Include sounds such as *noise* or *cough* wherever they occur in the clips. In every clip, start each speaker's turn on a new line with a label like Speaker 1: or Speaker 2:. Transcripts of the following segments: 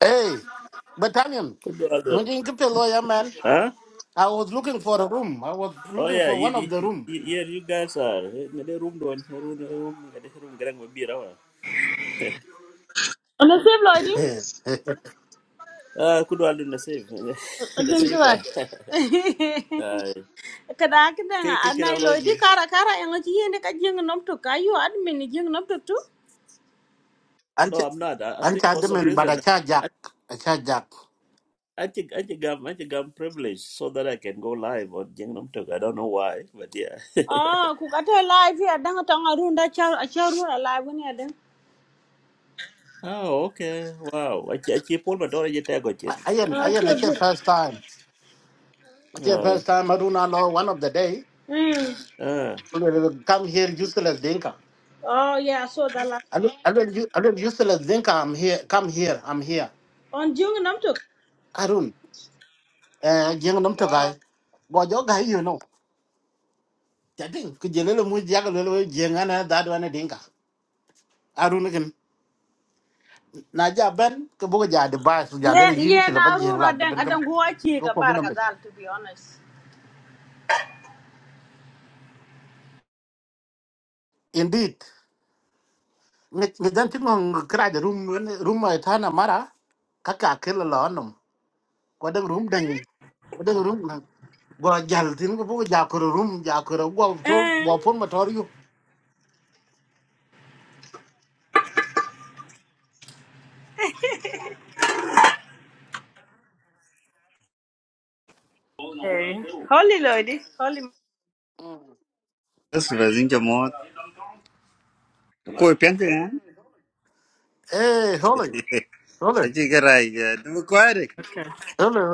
Speaker 1: Hey, Batanian, you
Speaker 2: brother.
Speaker 1: can keep a lawyer, man.
Speaker 2: Huh?
Speaker 1: I was looking for a room. I was
Speaker 2: Oh
Speaker 1: looking
Speaker 2: yeah,
Speaker 1: for
Speaker 2: you,
Speaker 1: one
Speaker 2: you,
Speaker 1: of the room.
Speaker 2: you, yeah, you guys are. Eh, na dai room don, room room ga dai room garang ba bira wa. *laughs*
Speaker 3: Ana sef loidi?
Speaker 1: Yes. *laughs*
Speaker 2: Ah, kudu aldu na safe, *laughs* na
Speaker 3: Asin
Speaker 2: safe. ah.
Speaker 3: tuwak.
Speaker 2: *laughs* Ah,
Speaker 3: Kada akida *laughs* nga
Speaker 2: Kai kai kira
Speaker 3: anai loidi
Speaker 2: loke. *laughs*
Speaker 3: kara kara yang aji yende ka jeng nom to kayu admin ni jeng nom to tu.
Speaker 1: And
Speaker 2: No, I'm not. I, I think
Speaker 1: charge
Speaker 2: for some
Speaker 1: Demin, but I
Speaker 2: reason
Speaker 1: charge
Speaker 2: I
Speaker 1: Jack. I charge Jack.
Speaker 2: I think I think I'm I think I'm privileged so that I can go live on Gangnam Talk. I don't know why, but yeah.
Speaker 3: Ah, ku kata live ya dang tang arunda char acharura live ni adang.
Speaker 2: Oh, okay. Wow. I I keep all my daughter yet I got you.
Speaker 1: Ayan, ayan,
Speaker 3: Ah,
Speaker 1: I am, I
Speaker 3: too
Speaker 1: said
Speaker 3: good.
Speaker 1: first time. I said first time, I do not know one of the day.
Speaker 3: Hmm.
Speaker 2: Ah,
Speaker 1: I will Come here, useless Dinka.
Speaker 3: Oh yeah, I saw that last
Speaker 1: I
Speaker 3: time.
Speaker 1: don't, I don't, u- I don't useless Dinka. I'm here. Come here. I'm here.
Speaker 3: On jeng nom to.
Speaker 1: Arun, eh, jeng nam to guy.
Speaker 3: Wow.
Speaker 1: Go jo guy, you know. Jadi, kujelele mu jaga lele jengana dadu ane Dinka. Arun again. na ja ben ke bo ja device ja le
Speaker 3: Yeah,
Speaker 1: yin
Speaker 3: yeah,
Speaker 1: ki le ba
Speaker 3: na
Speaker 1: jeng
Speaker 3: aruna
Speaker 1: lad
Speaker 3: dang
Speaker 1: ben kam
Speaker 3: adang gua cie
Speaker 1: ko
Speaker 3: ka
Speaker 1: ko mo
Speaker 3: bar ka
Speaker 1: nambe
Speaker 3: to be honest.
Speaker 1: indeed ngi ngi dan ti ngong kra de room wen- room ay tana mara ka ka ke la la nom ko dang room dang ko dang room na go jal tin ko bo ja ko room ja ko go to
Speaker 3: Eh.
Speaker 1: go pon ma tor yu
Speaker 3: Hey. Holy loidi, holy.
Speaker 4: That's what I think about. Koi piante gan.
Speaker 1: eh holy holy
Speaker 4: Aji karai ja. Dum kwaare.
Speaker 1: holy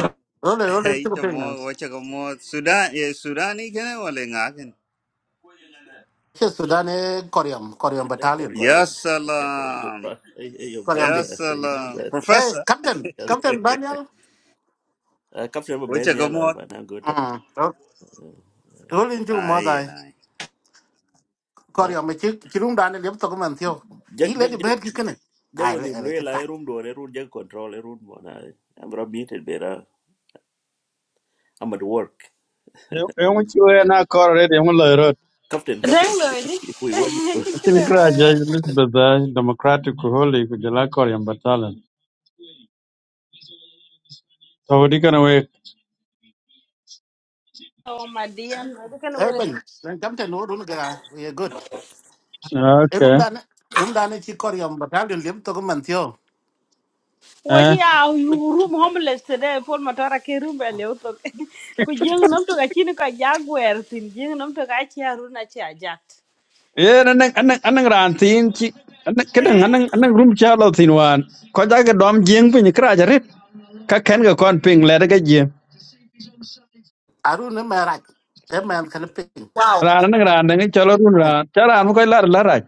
Speaker 1: holy holy
Speaker 4: Hey
Speaker 1: ti ko penga
Speaker 4: jamo wacha kamo *laughs* Sudan ye Sudani kene wale ngaken.
Speaker 1: ke sudan e koryam koryam
Speaker 2: that,
Speaker 1: battalion
Speaker 2: that
Speaker 4: Ya
Speaker 2: Korean. *laughs* your
Speaker 4: salam.
Speaker 2: brother, your
Speaker 1: koryam
Speaker 4: Ya
Speaker 1: dik
Speaker 2: brother, *laughs* you know
Speaker 4: salam.
Speaker 2: that.
Speaker 1: eh
Speaker 4: Professor
Speaker 1: captain
Speaker 2: Yes.
Speaker 1: captain daniel
Speaker 2: Uh, Captain mo
Speaker 4: wacha
Speaker 2: ben yala
Speaker 4: kamo.
Speaker 2: but na good.
Speaker 1: mm holy ti ko mo
Speaker 4: Ai na.
Speaker 1: còn
Speaker 2: Uh,
Speaker 1: giờ mà chứ chứ đúng đắn liếm tôi có mình thiếu
Speaker 2: jag
Speaker 1: ý lấy
Speaker 2: jag
Speaker 1: đi
Speaker 2: jag
Speaker 1: bên cái cái này
Speaker 2: jag
Speaker 1: ai
Speaker 2: was
Speaker 1: lấy
Speaker 2: in
Speaker 1: ai lấy cái
Speaker 2: real I
Speaker 1: cạnh
Speaker 2: room door I room jag control I room one I am muted better. I'm at work.
Speaker 5: Yung chwe na kor red yung loy rot.
Speaker 2: Captain
Speaker 3: Dang
Speaker 2: Captain
Speaker 3: loidi.
Speaker 2: *laughs* if we want you.
Speaker 5: Atin kra
Speaker 3: *laughs*
Speaker 5: judge Elizabeth da democratic holy ku jala kor yung batalan. So di kana we.
Speaker 3: Oh my dear, they can
Speaker 1: ấy
Speaker 3: wait.
Speaker 1: bình đang chấm chân nó đúng là cái này we are good ấy đúng
Speaker 5: Okay.
Speaker 1: đắn ấy đúng đắn ấy chỉ còn giờ mà tháo đi liếm tôi có mình thiếu
Speaker 3: What
Speaker 5: Eh.
Speaker 3: yeah, you room homeless today for matara ke room bele uto. *laughs* Ku jeng nam to gachi ni ka jaguar tin Young, nam to gachi haruna chi ajat.
Speaker 5: Ye na nang anang anang ran tin chi. Anang kadang
Speaker 3: Eh,
Speaker 5: anang anang room cha lo tin wan. Ko ja ga dom jing pin kra ja red. Ka ken ga kon ping le ga ji.
Speaker 1: à đúng nó mẹ rạch em mẹ khăn pin
Speaker 3: Wow.
Speaker 5: Ran anang ran nang cha lo run ran. Cha ran ko lar lar ra.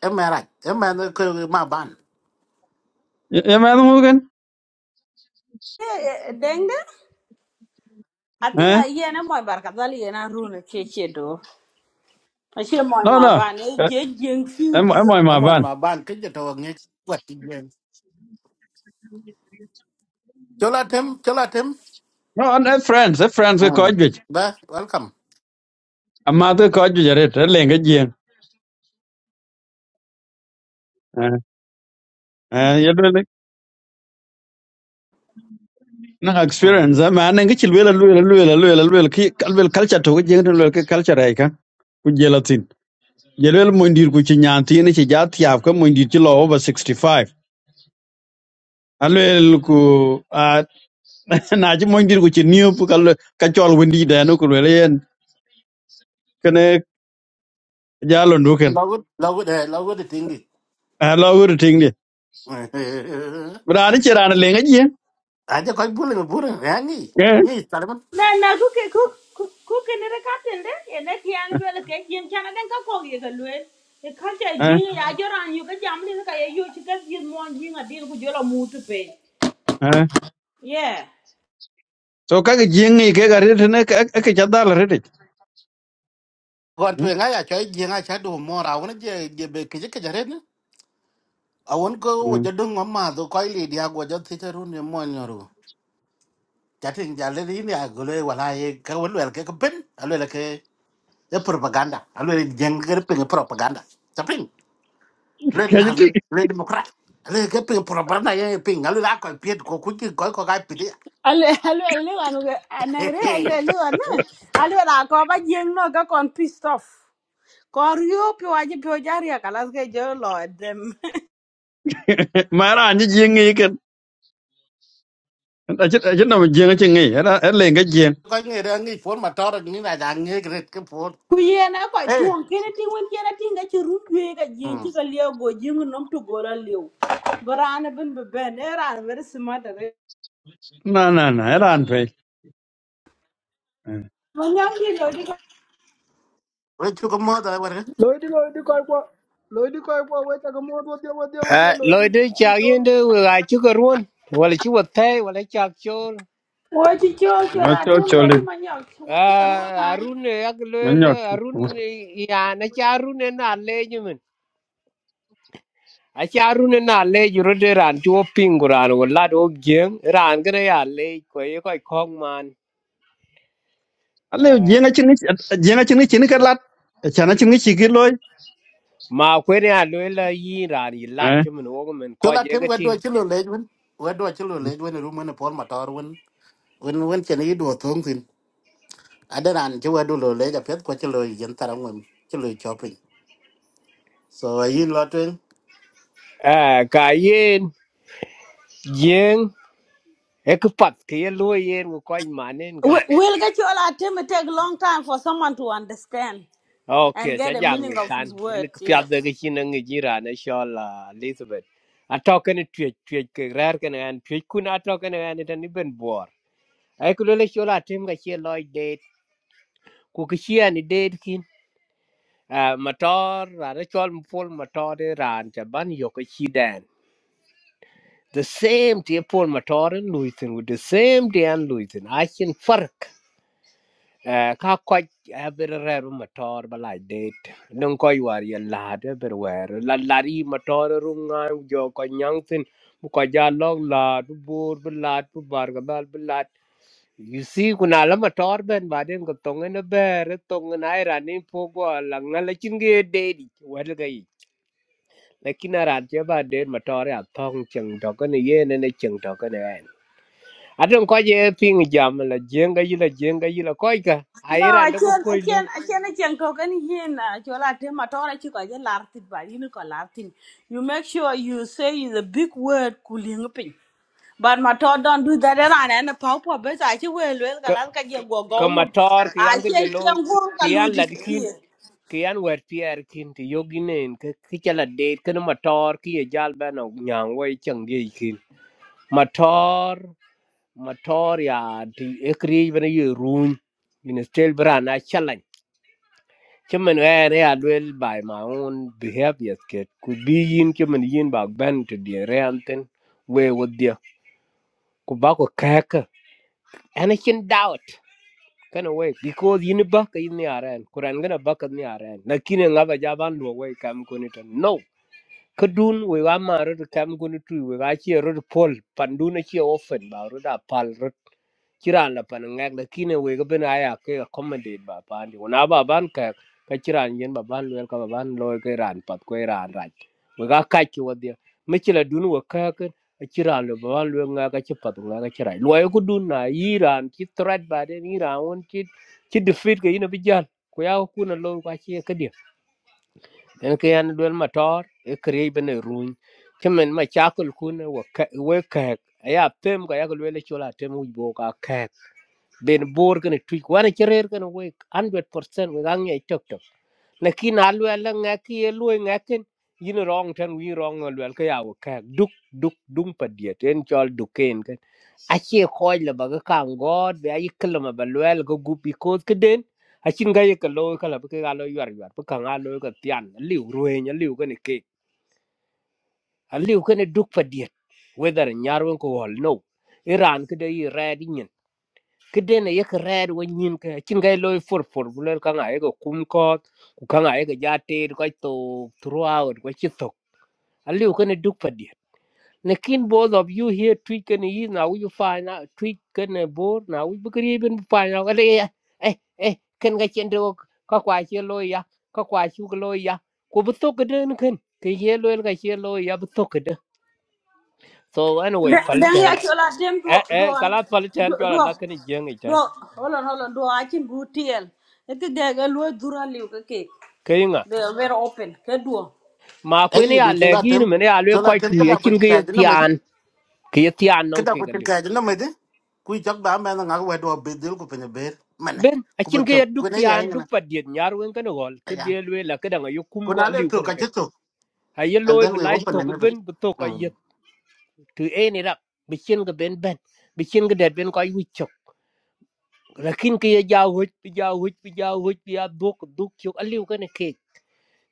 Speaker 1: em mẹ rạch em mẹ nó cứ mà ban
Speaker 5: Ye ma mu gan.
Speaker 3: Denga, I think
Speaker 5: Eh.
Speaker 3: I hear na moy barka dali na runa a che do. I moy
Speaker 5: No
Speaker 3: ma
Speaker 5: no.
Speaker 3: ba ne je jeng
Speaker 5: Em em
Speaker 3: fi
Speaker 5: ma
Speaker 1: em muốn
Speaker 5: ban.
Speaker 1: mà ban cái gì đó nghe quật tiền cho là thêm cho là thêm
Speaker 5: No, and friends, friends
Speaker 1: Ừ.
Speaker 5: ko ko ju.
Speaker 1: bé welcome
Speaker 5: Amado ko ko ju ja red. Lenga yelwele na
Speaker 1: Ừ.
Speaker 5: experience ma ne ngi chil wela lwela lwela lwela lwela ki kalwel culture to je ngi lwela ki culture ai kan ku jelatin yelwel mo ndir ku chi nyanti ne chi jati af ka mo ndir chi lo over 65 alwel ku a *laughs* na chi mo ndir ku chi niu pu kal ka chol wendi da no ku lwela yen kene jalo nduken
Speaker 1: lâu good lâu good eh, lâu good tiếng đi
Speaker 5: a *laughs* lo wur ting ni
Speaker 1: *laughs*
Speaker 5: bra ni chi ran le ngi je
Speaker 1: à chứ coi buồn là buồn nghe
Speaker 5: eh
Speaker 1: nghe
Speaker 3: na na ku ke ku ku ku ke ne ka ten de e ne ki an le ke yin chan den ka ko ye ga le e ka ja
Speaker 5: eh
Speaker 3: jin ya jo ran yu ga jam ni ka ye a din ku jo la mu tu
Speaker 5: eh.
Speaker 3: yeah
Speaker 5: so ka ge ngi ke ga rete ne ka ka cha dal
Speaker 1: gon twe nga ya cho ji nga cha du mo ra won je je be ke ke jare ne a won ko wo je
Speaker 5: rete
Speaker 1: du ngom ma do ko li dia go je ti te ru ne mo nyoru ja tin ja le ni ya go le wala ye ka won le ke ke ben a le ke e propaganda a le jeng ke pe propaganda ta pin le na le le demokrat a le ke pe propaganda ye pin a le la ko pie ko ku ji ko ko ga pi dia
Speaker 3: Alwe alwe alwe anu ke
Speaker 1: Hey
Speaker 3: anaire alwe
Speaker 1: hey.
Speaker 3: alwe anu alwe na ko ba jeng no ka pissed off. Ko rio pio aje pio jari akalas ke jo lord
Speaker 5: mà ma ran ji jing yi ken a chết a chit riêng jing chi ngi era er le cái riêng
Speaker 1: ko ni ra ni for ma tor ni na ja ni ke phone.
Speaker 3: ku yen a koc
Speaker 1: Hey.
Speaker 3: tuɔŋ kene tiŋ wen cien atiŋ aci rut jue ka jieŋ
Speaker 1: eh
Speaker 3: ci ka liɛu go jieŋ nom tu gol aliu bi raan bin bi bɛn e raan beri simatare
Speaker 5: na na na era an pe
Speaker 3: manyaŋ di lo di
Speaker 1: we chu ko mo da
Speaker 6: Lodi, Lodi, koi po. Lodi, koi po. Wai ta gamo wadi wadi wadi
Speaker 7: À,
Speaker 6: Lodi.
Speaker 7: lời đấy chào yên đó vừa ai chú cơ ruôn wala chú vật thay wala chào chôn
Speaker 3: wo ci coo
Speaker 5: no
Speaker 3: col
Speaker 5: cho
Speaker 3: atem
Speaker 5: cho
Speaker 3: lo
Speaker 5: lên
Speaker 3: di
Speaker 5: le
Speaker 3: manyaŋ wo ci ka ruo na
Speaker 7: à arun này ác
Speaker 5: no
Speaker 7: lơ
Speaker 5: nyot
Speaker 7: là arun ya na cha arun này na lê như mình à cha arun này na lê chú rồi đây ran chú ốp pin của ran wala đó giếng ran cái này à lê coi coi không man
Speaker 5: a le
Speaker 7: à
Speaker 5: jing chi ngi jing chi ngi chi ni cái lát cha na chi ngi chỉ cái loy
Speaker 7: mà quên này à lơ là y ran y lát cho mình ôm mình
Speaker 1: cho
Speaker 7: coi
Speaker 1: là
Speaker 7: gì
Speaker 1: thêm
Speaker 7: cái
Speaker 1: wet do
Speaker 7: ting
Speaker 1: chi lo lej wen wet do chi lo lej wen ru men pol ma tor wen wen wen chen yi do thong tin adaran chi wet do lo lej a pet ko chi lo yen taram wen chi lo chopping so a yin lo twen
Speaker 7: à cái yên giếng cái cái pat cái lôi yên của coi mà nên cả
Speaker 3: wel ka col atem it take long time for someone to understand and
Speaker 7: Okay,
Speaker 3: get
Speaker 7: cha
Speaker 3: the
Speaker 7: jang
Speaker 3: meaning
Speaker 7: ni
Speaker 3: of
Speaker 7: kan
Speaker 3: his
Speaker 7: en ko
Speaker 3: words
Speaker 7: pya
Speaker 3: yes
Speaker 7: de ki na ngi jira na shola Elizabeth. A token tue tue ke rar ken an tue kun a token an ta ni ben bor. Ai ku le shola tim ga che loy date ku ki chi an date kin. A motor ra ra chol pol motor de ran cha ban yo ko chi dan. The same tie pol motor and luitin with the same day, an luitin. I can fark. Eh, ka kwac abir reru matɔr ba lac det nong kɔc war ye laat abir wɛɛr la lat yi matɔr ru ŋaan jɔ kɔc nyaŋ thin bu kɔc ja lɔk laat bu boor bu laat bu barkabal bu laat you see ku na la matɔr bɛn baden ko töŋi ni bɛɛr töŋi na ai raan ni po gɔ la ŋa la cin ge deet ic wɛlga yic lakin a raan cɛ ba deet matɔr ya thɔŋ ceŋ tɔkeni yen ene ceŋ tɔkeni ɛn Adam ko je ping jam la jenga yila jenga yila ko ga
Speaker 3: no
Speaker 7: airan
Speaker 3: I
Speaker 7: da ko
Speaker 3: can't I
Speaker 7: koi
Speaker 3: can't.
Speaker 7: lo
Speaker 3: acien acien acien acien ko kan yin na col atem atɔŋ aci kɔc e lar thit ba yini kɔ lar thin you make sure you say the big word ku pin. But my thought don't do that around and a pop up best I will well
Speaker 7: ka
Speaker 3: Galaka go
Speaker 7: ka
Speaker 3: go no.
Speaker 7: matar ki
Speaker 3: I
Speaker 7: an ki
Speaker 3: can't
Speaker 7: lo
Speaker 3: go
Speaker 7: ki
Speaker 3: Kalu
Speaker 7: an la dikin
Speaker 3: disappear.
Speaker 7: ki an wer pier kin ti yoginen ka ki chala de ka matar ki ye jal ba no nyang wai chang ye kin matar matar ya ti ekri ben ye run in stel brana chalan Chaman wer ya lwel by my own behavior kid could be yin chaman yin ba ban to the ranten we with the ku ba ku kayaka ana kin dawat kana wai because yin ba ka yin yaran kuran gana ba ka yin yaran na kine ngaba ja ban do wai kam ko ni tan. no kadun we ga ma ro kam gun tu we ga che ro pol pandu na che ofen ba ro da pal ro kiran la pan ngak la kine we ga ben aya ke accommodate ba pan di una ba ban ka ka kiran yen ba ban lel ka ba ban loy ke ran pat ko ran raj we ga ka ki wadi me chila dun we ka ka a kiran lo ba ban lel nga ka chi pat nga ka kiran loy ku dun na iran ki threat ba de iran won ki ki defeat ke ina bijan ko ya ku na lo ka chi ka en ke an duel motor e kre bene run kemen ma chakul kun wo ka- wo ka ya pem ko ya ko le chola tem u bo ka ka ben bor ken tu ko ne cherer ken we 100% we gang ye tok lakin a lwel la ŋɛk ye lwoi ŋɛkin yin rɔŋ tɛn wi rɔŋ a lwel ke ya wo kɛk duk duk duŋ pa diet en cɔl duken kɛ acie kɔc la ba ke kaŋ gɔɔt be ayi kelem ba lwɛl ke gup bikoos ke den acin ka ye ke looi kala be ke ka lo yuɔr-yuɔr pe kaŋ a looi ke thian aliu rueny aliu kene kek aliu kene duk pa diet whether nyar wen ko hɔl no iran ka de i raan kede yi rɛɛd kidene yek red wo nyin ke chin gai loy for for bulel ka ngai ko kum ko ku ka ngai ga jate ko to throughout ko chitok aliu kene duk padi lekin both of you here tweet kene yi na wu find out tweet kene bor na wu bukri ben find out ale ya eh eh ken ga chen do ka kwa che lo ya ka kwa chu lo ya ko bu to ke den ken ke ye lo ga che lo ya bu to ke de so anyway
Speaker 3: Then
Speaker 7: pal
Speaker 3: I
Speaker 7: chen
Speaker 3: tell us them do
Speaker 7: eh
Speaker 3: do
Speaker 7: eh
Speaker 3: I
Speaker 7: kala pal
Speaker 3: do
Speaker 7: chen cho
Speaker 3: do
Speaker 7: la ken jeng i
Speaker 3: do hold on hold on do I can go tell. It is there a low dura luke cake.
Speaker 7: chen
Speaker 3: They are very open. Good do.
Speaker 7: ma kwen
Speaker 1: ai
Speaker 7: ya
Speaker 1: du cho
Speaker 7: le
Speaker 1: là
Speaker 7: gi
Speaker 1: thêm
Speaker 7: ni men ya le
Speaker 1: cho là
Speaker 7: ko
Speaker 1: thêm
Speaker 7: chu
Speaker 1: kada
Speaker 7: ye
Speaker 1: ko
Speaker 7: chin
Speaker 1: chi
Speaker 7: ge
Speaker 1: ka jina me
Speaker 7: tian ke ye tian non
Speaker 1: kada
Speaker 7: ke
Speaker 1: ko chi
Speaker 7: galu
Speaker 1: ka jina me de ku chak ba me na wet do be dil ku pen be men
Speaker 7: ben a
Speaker 1: ku be
Speaker 7: chin ge
Speaker 1: to ku
Speaker 7: duk
Speaker 1: ne ye
Speaker 7: tian
Speaker 1: na
Speaker 7: duk pa diet nyar wen kan gol ke
Speaker 1: ya
Speaker 7: de le la ke dang yo kum
Speaker 1: ku na
Speaker 7: ko
Speaker 1: le
Speaker 7: liu
Speaker 1: to
Speaker 7: kan
Speaker 1: ka chi
Speaker 7: ke
Speaker 1: to
Speaker 7: ha ye
Speaker 1: and
Speaker 7: loy
Speaker 1: then
Speaker 7: be
Speaker 1: we
Speaker 7: lai
Speaker 1: open
Speaker 7: to
Speaker 1: and
Speaker 7: ko
Speaker 1: everything
Speaker 7: ben bu to ko
Speaker 1: mm
Speaker 7: ye tu e ni rap bi chin ge ben ben bi chin ge det ben ko yu chok lakin ke ye ja hoj bi ja hoj bi ja hoj bi ya duk duk chok a liu kan ke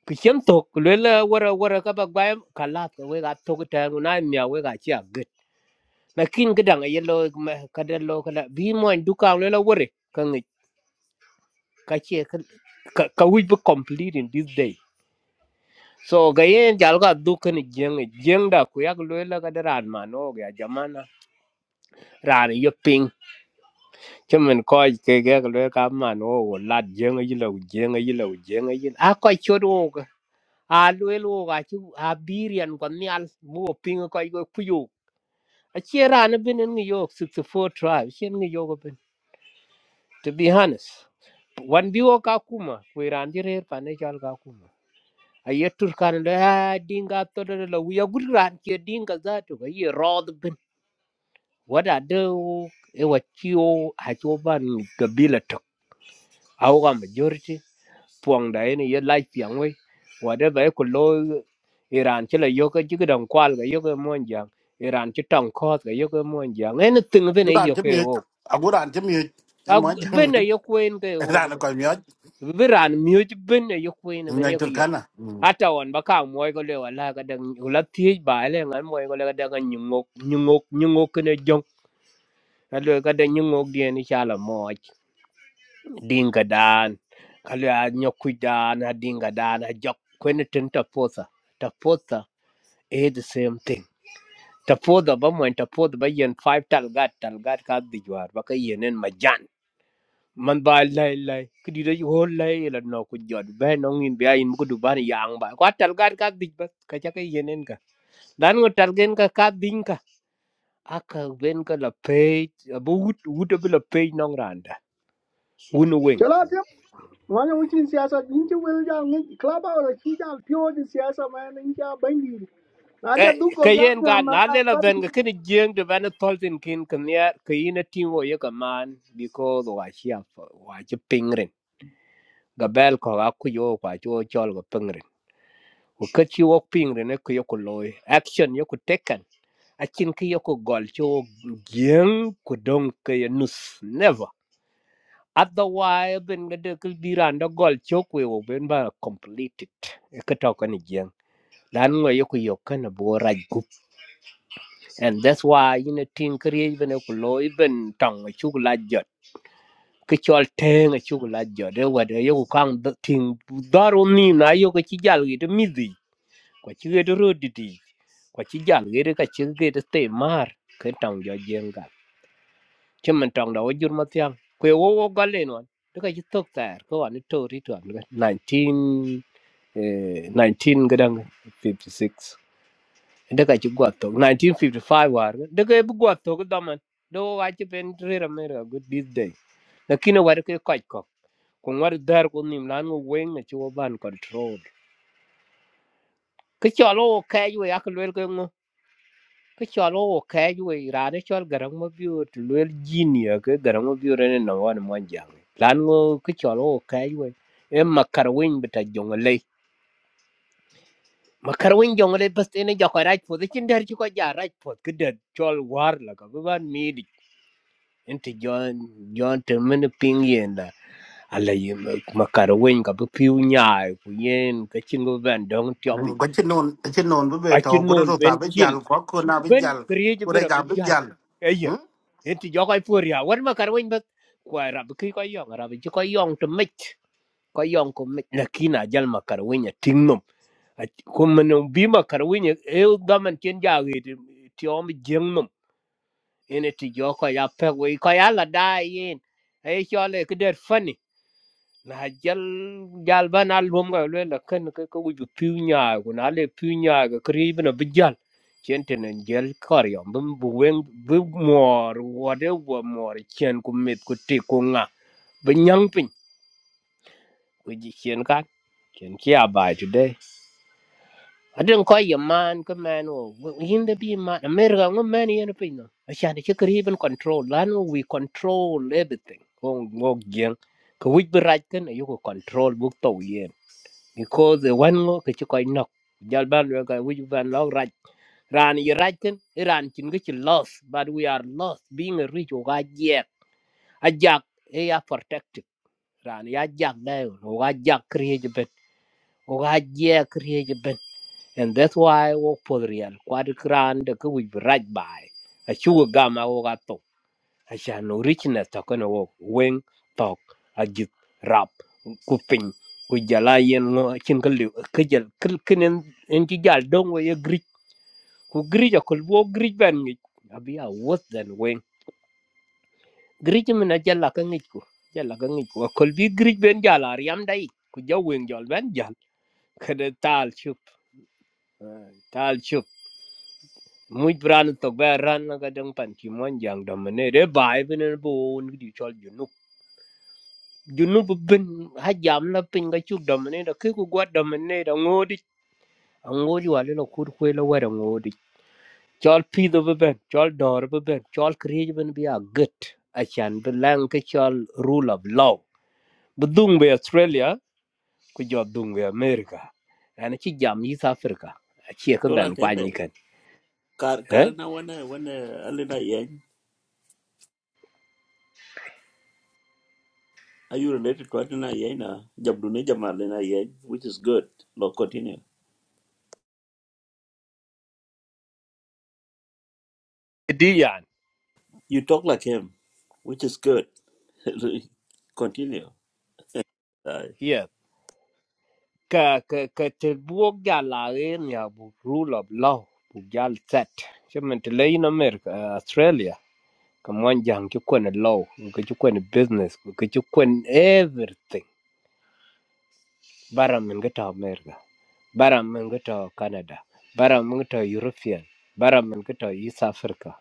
Speaker 7: ku chin to ku le la wara wara ka ba gwa ka la ke we ga to ke ta na mi a we ga chi a na kin ga dang ye lo ma ka de lo ka la bi mo du ka lo lo wore ka ngi ka che ka ka wi be complete in this day so ga ye jal ga du ka ni jeng jeng da ku ya lo la ka de ran ma no ga jamana ran ye ping che men ko ke ga lo ka ma no wo la jeng yi lo jeng yi lo jeng yi a ko cho do ga a lo lo ga chi a bi rian ko ni al bu ping ko ko ku yo a che ran bin ngi yo 64 tribe chen ngi yo to be honest wan bi wo ka kuma ku iran ji rer pa ne jal ka kuma a ye tur kan da "Ah, dinga to da la wi ya gud ran ke dinga za to ga ye rod bin wada de e wa ciwo ha ciwo ban gabila to aw ga majority puang da ene ye lai piang wai wada ba ko lo iran ci la yoga ka ji dan kwal ga yoga ka mon iran ci tong ko ga yoga ka mon jang ene ting bin
Speaker 1: du
Speaker 7: e
Speaker 1: ran
Speaker 7: yo
Speaker 1: chi
Speaker 7: ke
Speaker 1: mi
Speaker 7: wo
Speaker 1: a gu ran chi mi e
Speaker 7: a
Speaker 1: mo
Speaker 7: bin e yo ko en
Speaker 1: jang *laughs*
Speaker 7: biran miuc bin e yokwen ben
Speaker 1: ngay
Speaker 7: yok yo
Speaker 1: turkana
Speaker 7: hata on ba ka moy ko le wala ka dang ula thiej ba le ngan moy ko le ka dang nyungok nyungok nyungok ne jong ka le ka dang nyungok die ni chala moj dinga dan ka le a nyoku dan a dinga dan a jok kwen tin ta posa ta posa e the same thing ta poda ba moy ta poda ba yen five tal gat tal gat ka dijwar ba ka yenen majan man ba lai lai ku di dai ho lai la no ku jot be no ngin be ayin ku du ban yang ba ko tal gar ka dik ba ka cha ka yenen ka dan ngo tal gen ka ka din ka aka ben ka la pe bu wut wut be la pe no randa un wen
Speaker 6: Chala tip. Wanya wuchin siyasa inchi wel ja ngi klaba ola chi ja pyo di siyasa ma ya ngi ja bandi. Na ja
Speaker 7: eh
Speaker 6: du ko
Speaker 7: ka
Speaker 6: ga
Speaker 7: yen
Speaker 6: na
Speaker 7: ga
Speaker 6: ma
Speaker 7: na le la ben ga
Speaker 6: kan.
Speaker 7: kin jeng de ban tol tin kin kan ya ka yin tin wo ye ka man because wa chi af wa chi pingren ga bel ko ga ku yo kwa cho chol ga pingren ku ka chi wo pingren ne ku yo ku loy action yo ku taken achin ke yo ko gol cho gien ku dong ke yo nus never otherwise ben ga de kul biran da gol cho ku yo ben ba completed e ka to kan gien lan ngo yo ku yo kan bo raj gup and that's why you know tin kre ben ko lo ben tong chu la jot ke chol teng chu la jot de wa de yo ku kang tin daro ni na yo ko chi jal gi de midi ko chi ge de ro di di ko chi jal gi de ka chi ge de te mar ke tong jo gien ga chứ mình trong đó jur ma tiang kwe wo wo ga le no de ka jitok tar ko an to ri to 19 eh 19 gadang 56 de ka jigwa to 1955 war de ka bu gwa to đó mà, đâu wa ji bên re làm me ra good this day lakini war ke ka ko ko war dar ko nim lan wo wen ne chi wo ban control cái ke chalo ka ju ya ko le ko ke chwal wo ke yue rane chwal garang ma biur to lel jinia ke garang ma biur ne no wan mo jang lan ngo ke chwal wo ke yue e makar win beta jongle makar win jongle bas ene jo ko raj pod chin der chi ko ja raj pod ke der chwal war la ka ban mi di ente jon jon te men ping yen la ala yi makar win ka bu piu nyaai ku yen ke chin go ban dong tyo bi
Speaker 1: ko ci non ci non bu be
Speaker 7: a
Speaker 1: to
Speaker 7: chin
Speaker 1: gudo
Speaker 7: non
Speaker 1: to ta
Speaker 7: ben
Speaker 1: be
Speaker 7: chil
Speaker 1: jal ko ko na be
Speaker 7: ben
Speaker 1: jal
Speaker 7: kriye
Speaker 1: ko re
Speaker 7: bera
Speaker 1: ga be
Speaker 7: bejal
Speaker 1: jal
Speaker 7: eye
Speaker 1: hmm
Speaker 7: enti jokoy poria war ma karwen bet kwa rab ki ko yong rab ji ko yong to mit ko yong ko mit lakina jal ma karwen ya tingnom kuma no bi ma karwen ya e daman ken jage ti om jengnom ene ti joko ya pe we ko ya la da yin e chole kider fani na jal jal ban al lom ga le la ken ke ko ju piu nya ko na le piu nya ga kri bna bi jal chen ten en jal kar yom bum bu wen bu mor wa de wa mor chen ku mit ku ti ku nga bi nyang pin ku ji chen ka chen ki a ba ju de a den ko ye man ko man o yin de bi man mer ga ngo man yen pin no a chan ke kri ben control lan we control everything ko ngo gen ko wi bi raj ken yu ko control bu to ye because the one ngo ke ci koy nok jal ban we koy wuj ban log raj ran yi raj ken i ran cin ge ci lost but we are lost being a rich o ga je a jak e ya protected ran ya jak da yo o ga jak kriye je ben o ga je kriye je ben and that's why wo for real kwad kran de ke wuj raj bai a chu ga ma wo ga Asan original takana wo weng tok ajit rap kuping ku jala yen ngo chin ka liu ka jal kil kinen en ti jal dong wo ye grij ku grit ko wo grij ban ngi abi a wot dan weng grij min a jala ka ngi ku jala ka ngi ku ko bi grij ben jala ar yam dai ku jaw weng jol ben jal *laughs* kada tal chup ah, tal chup muy bran to ba ran na ga dang pan ki mon jang dam ne re bai ben bo un di chol ju junub bin ha jam la pin ga chuk dom ne da ke ku gwa dom ne da ngodi ngodi wa le kur kwe la wa da ngodi chol pi do ben chol dor be ben chol kri ben bi a gut a chan be lang ke chol rule of law bu dung be australia ku jo dung be america ana chi jam yi sa africa a chi ka ben
Speaker 2: Yola
Speaker 7: kwa ni
Speaker 2: tebe.
Speaker 7: kan
Speaker 2: Kar
Speaker 7: eh
Speaker 2: kar na wana wana alina yen. Are you related to Adina Yena? Jamdune Jamalina Yen, which is good. No, continue.
Speaker 7: di yan
Speaker 2: You talk like him, which is good. *laughs* continue.
Speaker 7: ye ka ka ka te buok ja la en ya bu rule of law bu jal set Chứ mình thì lấy in America, Australia Kaman jang ci kwen law, ku ci kwen business, ku ci kwen everything. Bara min ga ta America, bara min ga ta Canada, bara min ga ta European, bara min ga ta East Africa.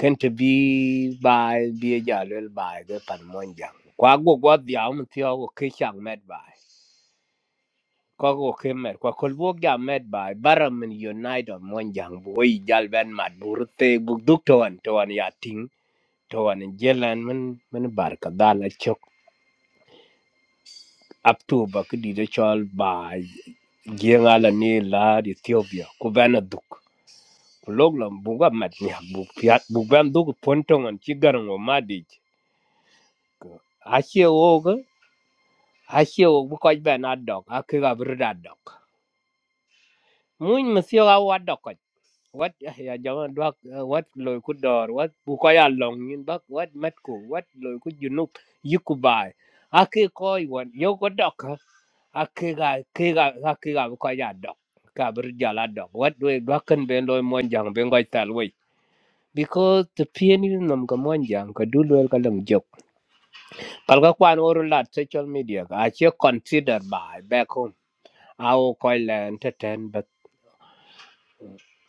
Speaker 7: Kan ta bi bai bi jalwel bai ga pan mon jang. Kwa go gwa diam ti go ke chang med bai. Kwa go ke med kwa kol bo ga med bai. Bara min unite on mon jang bo i jal ben mat burte bu duk to an to an ya ting to an jelan min min barka dala chok. up to ba ki di de chol ba jenga la ni la Ethiopia ku bana duk ku log lam bu ga mat ni bu piat bu ban duk pontong an chi garang o madi a che o ga a che o bu ko ba na dok a ki ga bru da dok mun ma sio ga wa dok ko wat ya jama dwak wat loy ku dor wat bu ko ya long yin bak wat mat ku wat loy ku junuk yiku bai a ki ko wan yo ko dok akega kega akega ko ya dok ka bir jala dok wat we dokan be lo mon jang be ngoy tal we because the pieni nam ka mon jang ka du lo ka lang jok kal ka kwan oru lat social media ka a che consider by back home ao ko la entertain but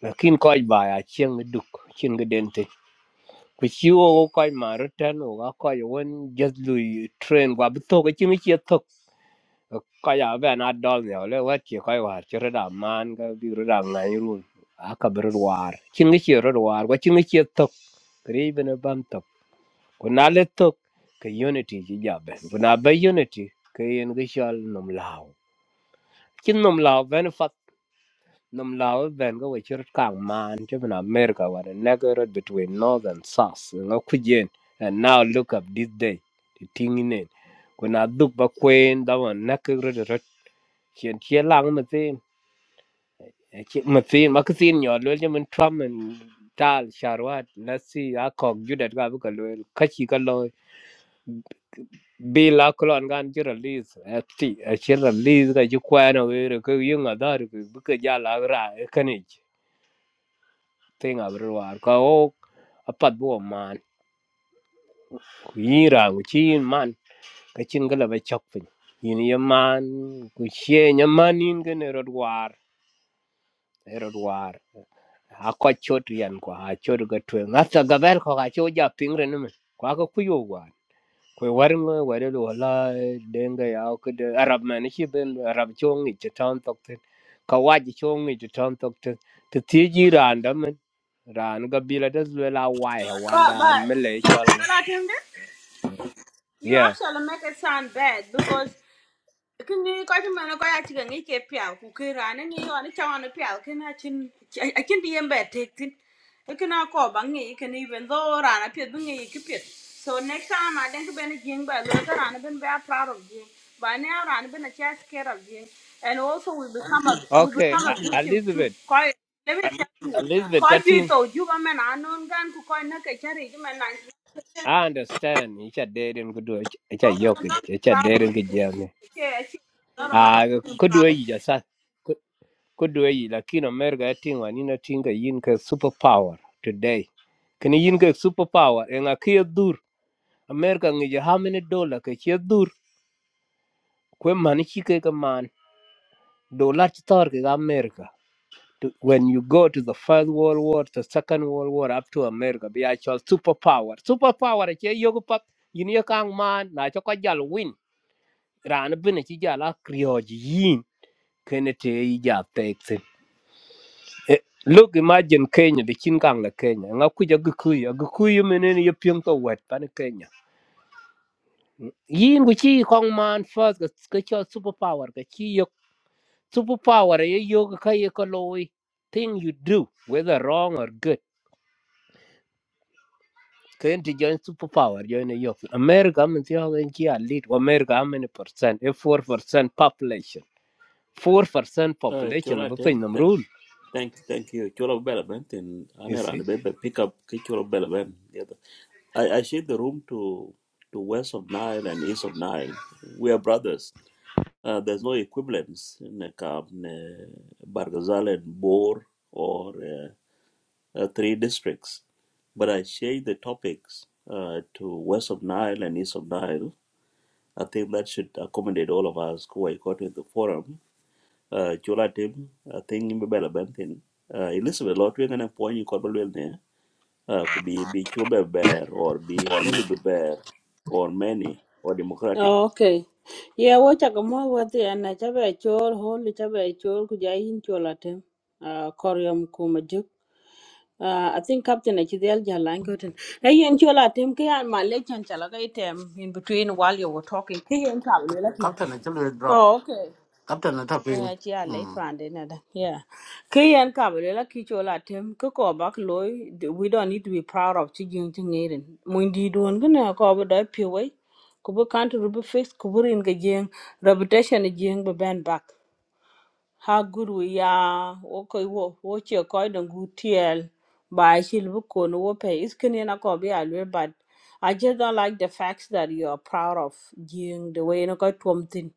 Speaker 7: lakin ko ba a chen duk chen ga den te ku chi o ko ma ru tan o ga ko won just lu train wa bu to ga chi mi che ko ya be na dol ne ole wa ki ko wa ti ra da man ga bi ra da na ru a ka bi ru war chin ni ki ru war wa chin ni ki to kri be ne ban to ko na le to ke unity ji ja be ko na be unity ke yen ge shal nom lao chin nom lao ben Num lawe ben go we chir kang man chip in America what a negro between north and south ngo kujen and now look up this day the thing in it when I look back when that one negro the rat chen che lang ma tin che ma tin ma tin yo lo je mình tram and tal sharwat let's see a kok ju det ga bu ka lo ka chi ka lo bi la kulon gan ji release a ti a chi release ga ji kwa na we re ko yung a dar bu ka ja la ra e ka thing abro war ka o apat bo man ku yira ku chin man ka chin gala ba chok pin yin ye man ku she nya man in gene rod war ero war ako chot yan ko a chot ga twen ngata ga ber ko ga cho ja pingre ne ko ko kuyo war ko war ngo war lo la denga ya ko de arab man e chi ben arab chong ni chetan tok ten ka wa ji chong ni chetan tok ten te ti ji ran da men ran ga bila das lo la wa ya wan
Speaker 3: But
Speaker 7: dan
Speaker 3: but
Speaker 7: mele chol ngo
Speaker 3: you
Speaker 7: yeah
Speaker 3: actually make it sound bad because kin ni ko ti mana ko ya ti ngi ke pya ku ke ra ne ni yo ni cha wan pya ke na chin a chin di yembe te tin e kina ko ba ngi ke ni ben do ra na pye ngi ke pye so next time i think ben jing ba lo ka ra na ben ba proud of jing ba ne ra na ben a cha scared of jing and also we become a we
Speaker 7: okay
Speaker 3: become a
Speaker 7: A-
Speaker 3: victim too
Speaker 7: elizabeth
Speaker 3: ko let me tell you ko
Speaker 7: elizabeth
Speaker 3: ju
Speaker 7: chatting
Speaker 3: to ju ba men anon gan ku ko na ke chari ju men na
Speaker 7: I understand. It's a dead and good. It's a
Speaker 3: so ka
Speaker 7: yoke.
Speaker 3: na
Speaker 7: It's a
Speaker 3: proud
Speaker 7: dead
Speaker 3: of
Speaker 7: and
Speaker 3: it
Speaker 7: good.
Speaker 3: Okay, I see.
Speaker 7: Ah, kudwe ija sa kudwe ija lakini America yatingwa nina tinga yin ka superpower today. Kini yin ka superpower enga kia dur America ngija how many dollar ka kia dur kwe mani chike ka man dollar chitar ka America. to- when you go to the First World War, to Second World War, up to America, be actual superpower. Superpower, it's a yoga pop. You know, young man, na choko jal win. Rana bin a chijala krioj yin. Kenete ija teksin. Look, imagine Kenya, the chinkang la Kenya. Nga kuja gukuyu. Gukuyu menene ya piyong to wet pan Kenya. Yin kuchi kong man first, kachal superpower, kachi yok. Superpower, ye yoga kaya kaloi. Thing you do, whether wrong or good. Can to join superpower, join a youth. America, I'm in the other lead. America, how many percent? A four percent population. Four percent
Speaker 2: Uh,
Speaker 7: population
Speaker 2: chola
Speaker 7: of
Speaker 2: tem
Speaker 7: a
Speaker 2: th-
Speaker 7: rule.
Speaker 2: thank thank you chola bela ben tin
Speaker 7: You
Speaker 2: anera ne
Speaker 7: see?
Speaker 2: be pick up ke chola bela ben yeah. the- I I share the room to to west of Nile and east of Nile we are brothers uh, there's no equivalence in the camp ne Bargazal and Bor or uh, uh, three districts but I share the topics uh, to west of Nile and east of Nile I think that should accommodate all of us who are caught in the forum uh, chula tim uh, thing in bela bentin uh, elizabeth lot we ngana poin ko balwel ne uh, could be be chula bear or be holy bear or many or democratic
Speaker 3: Oh, Okay. Yeah, wacha kama wati ana chabe chol hol chabe chol kujayin chola tem. Uh, koryam kumajuk. Uh, I think Captain Achidel Jalangotin. Hey, and chola tem ke an malechan chalaka item in between while you were talking. Hey, and Kalu lucky.
Speaker 1: captain na chulu drop
Speaker 3: Oh, okay.
Speaker 1: captain na tapi
Speaker 3: Oh, yeah, yeah, late
Speaker 1: hmm
Speaker 3: round, another. Yeah. Key and Kabul, la Kichola, Tim, Koko, Bak Loy, we don't need to be proud of Chijin Tingaden. Mundi doing gonna cover the POA. Kubu not ruby face. Kubur in Gajing, reputation a jing, but band back. How good we are, okay, watch your coin and good TL by Shilbuko, no pay. It's Kenyan Akobi, I will, but I just don't like the facts that you are proud of Jing, the way you know, got something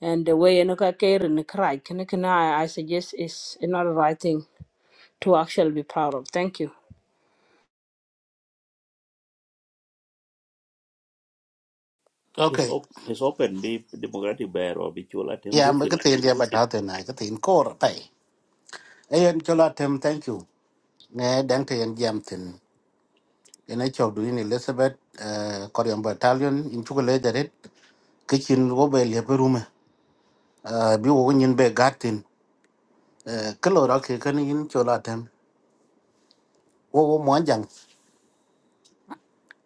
Speaker 3: and the way you care and cry can I, I suggest is not the right thing to actually be proud of. Thank you.
Speaker 2: it's,
Speaker 1: okay
Speaker 2: op- it's open be democratic bear or be chula tim
Speaker 1: ya
Speaker 2: do
Speaker 1: me
Speaker 2: thing
Speaker 1: ko tin dia ba ta te na ko tin ko ra pai ayen chola tem thank you ne dang te yen jam tin ene chok du ni elizabeth koryam battalion in chuko le dare ke chin wo be le be rume Uh, bi wo nyin be gatin ko lo ra ke kan in chola tem wo wo mo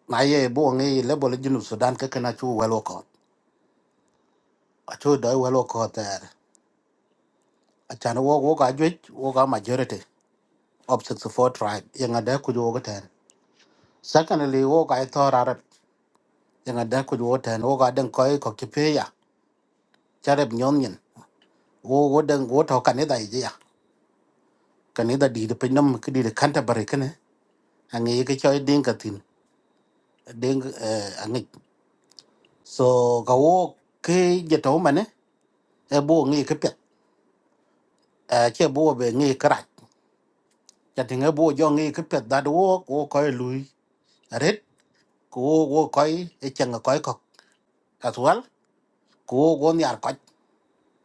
Speaker 1: na ye bo ngi le bo le jinu sudan ke kana chu welo ko a chu do welo ko ter a chan wo wo ga jwe wo ga majority of 64 tribe ye nga da ku jo ga ten secondly wo ga to arab ye nga da ku jo ten wo ga den ko ko ki pe ya charab nyon nyen wo wo den wo to kan da ye ya kan da di de pe nam ki di de kan ta bare kene a ke choy ding ka tin den angi. so ga wo ke je to mane e bo ngi ke pet a che bo be ngi cha tinga bu jo ngi ke pet da do ko ko lui ret ko ko ko e chang ko ko as well ko go nyar ko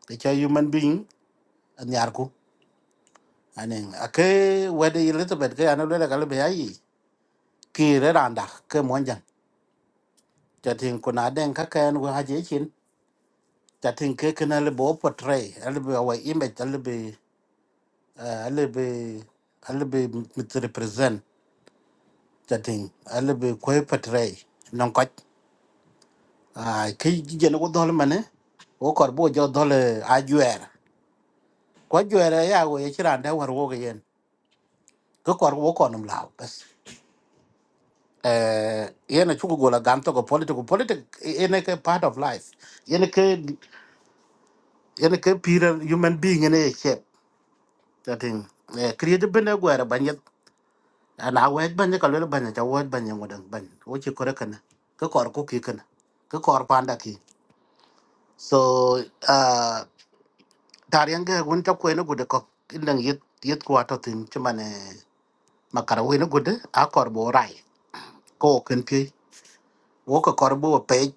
Speaker 1: te cha human being nyar ku anen ake wede elizabeth ke anu le kale be ai ki re randa ke monja cha tin ko na den ka ken go haje chin cha tin ke ke na le bo portray ale be wa image ale be ale be ale be mit represent cha tin ale be ko portray nông coi ai ki jene ko dol mane wo kor bo jo dol a juer ko juer ya go ye chiran da war wo ge yen ko kor wo ko num law bas eh yene chugo gola gam to ko political politic yene ke part of life yene ke yene ke pure human being yene ye chep that thing eh create bene gwera banye ana wet banye ka lele banye ta wet banye ngodan ban wo chi kore kana ko kor ko ki kana ko kor panda ki so ah, tar yang ge gun ta ko ne gude ko indang yit yit ko ato tin chimane makara we ne gude a kor rai ko ken pi wo ko kor bo pe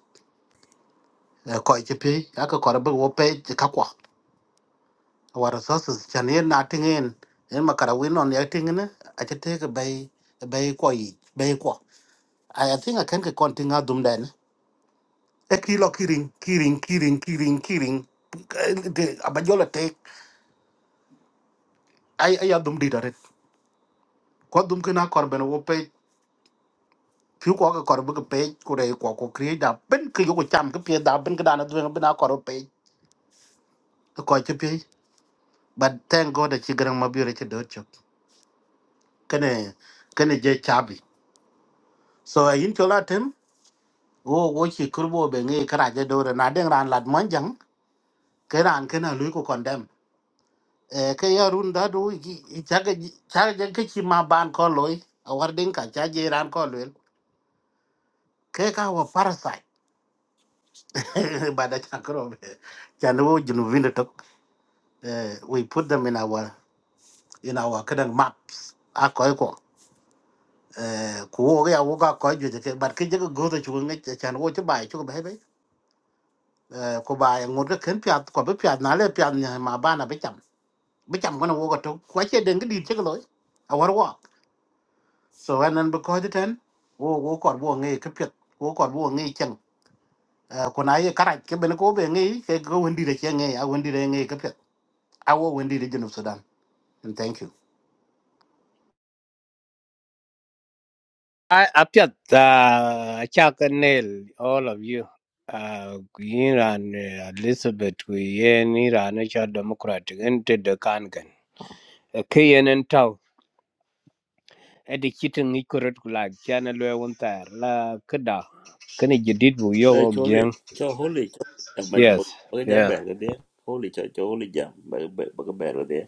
Speaker 1: ko che pi a ko kor wo pe ka ko war so so na tin yen makara we non ya tin a che te ke bay bay ko yi bay ko i think i can ke kon tin a dum den e kilo kiring kiring kiring kiring kiring de abajola tek ay ay a dum di dare ko dum ke na kor wo phiếu có cái còn page của đây có có kia đã bên cái có jump? cái phía đã bên cái đàn nó đuôi bên áo page The coach chụp page but thank God that chị gần mà biểu ra can đỡ chụp cái này cái so in cho là thêm wo wo chị cứ vô bên nghe cái này dễ đỡ rồi nãy đang ran lạt món chẳng cái ran cái nào lưỡi của con đem Ờ, cái ở run đó đôi chắc cái chắc cái ban con lối ở ngoài đỉnh cả chắc dễ ran con lối cái cái của parasite *laughs* bà đã chẳng có rồi chẳng vô uh, we put them in our in our kind maps a ko ko eh ku wo ga wo ga ko ju de but ke je go to chu ngi chan wo chu bai chu bai bai eh ko bai ngur ke ken pya ko be pya na le pya ni ma ba na be cham be cham ko na wo ga to ko che de ngi di che lo a war wa so and then because the ten wo wo ko wo ngi ke pya wo ko wo ngi chen eh ko na ye kara ke be ko be ngi ke go wendi de che ngi a wendi de ngi ke pya a wo wendi de jinu sudan and thank you
Speaker 7: I appeared uh Chuck and Neil, all of you. Uh Queen and uh, Elizabeth Queen Iran National Democratic and Ted the Kangan. A Kayan and Tau. A the kitten Nicorette like Channel Wantar La Kada. Can you did with
Speaker 2: uh,
Speaker 7: your work,
Speaker 2: chole cho holy cho ba ba
Speaker 7: Yes.
Speaker 2: ba- ja
Speaker 7: Yeah.
Speaker 2: bear ga de holy cho cho holy jam ba ba ba ga bear ga de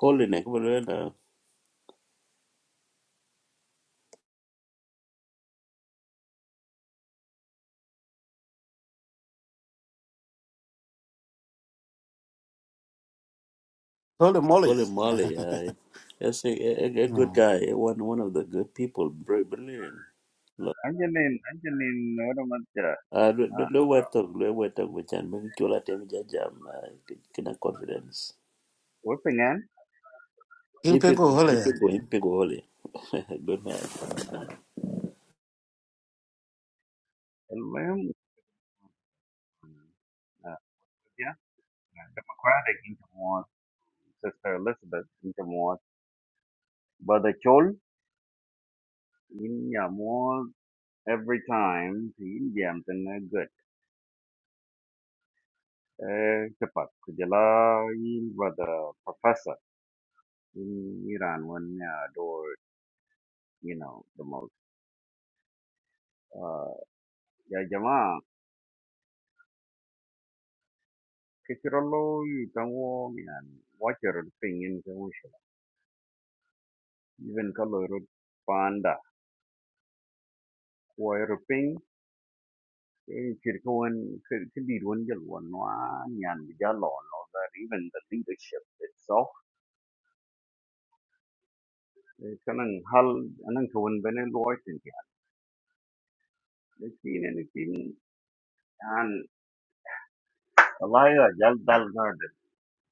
Speaker 2: holy ne ko balwel na
Speaker 1: holy moly
Speaker 2: holy moly uh, Yes, a, a, a
Speaker 1: *laughs*
Speaker 2: good guy, one one of the good people, bri- brilliant.
Speaker 4: Anjalin anjalin wala matja.
Speaker 2: Uh,
Speaker 4: Ah,
Speaker 2: low word talk, low word talk, which and make chula tem jajam, kina confidence.
Speaker 4: koi pengen.
Speaker 1: in pengo
Speaker 2: Hippico,
Speaker 1: hole
Speaker 2: hippico, hippico, holy. *laughs* Good man.
Speaker 4: Almuhim. Ah, yeah. Sister Elizabeth in jamo. Brother Chol in jamo. every time he jammed in a good uh, tepat kujala in brother professor in Iran when uh, door you know the most uh ya jama kikirolo you can walk and watch your thing in the ocean even color panda wire ping in kirkawan kidir one jal one one yan jalo no that even the leadership itself eh, kanang hal anang kawan bene loitin ya lekin anything Wallahi a jal dal garden.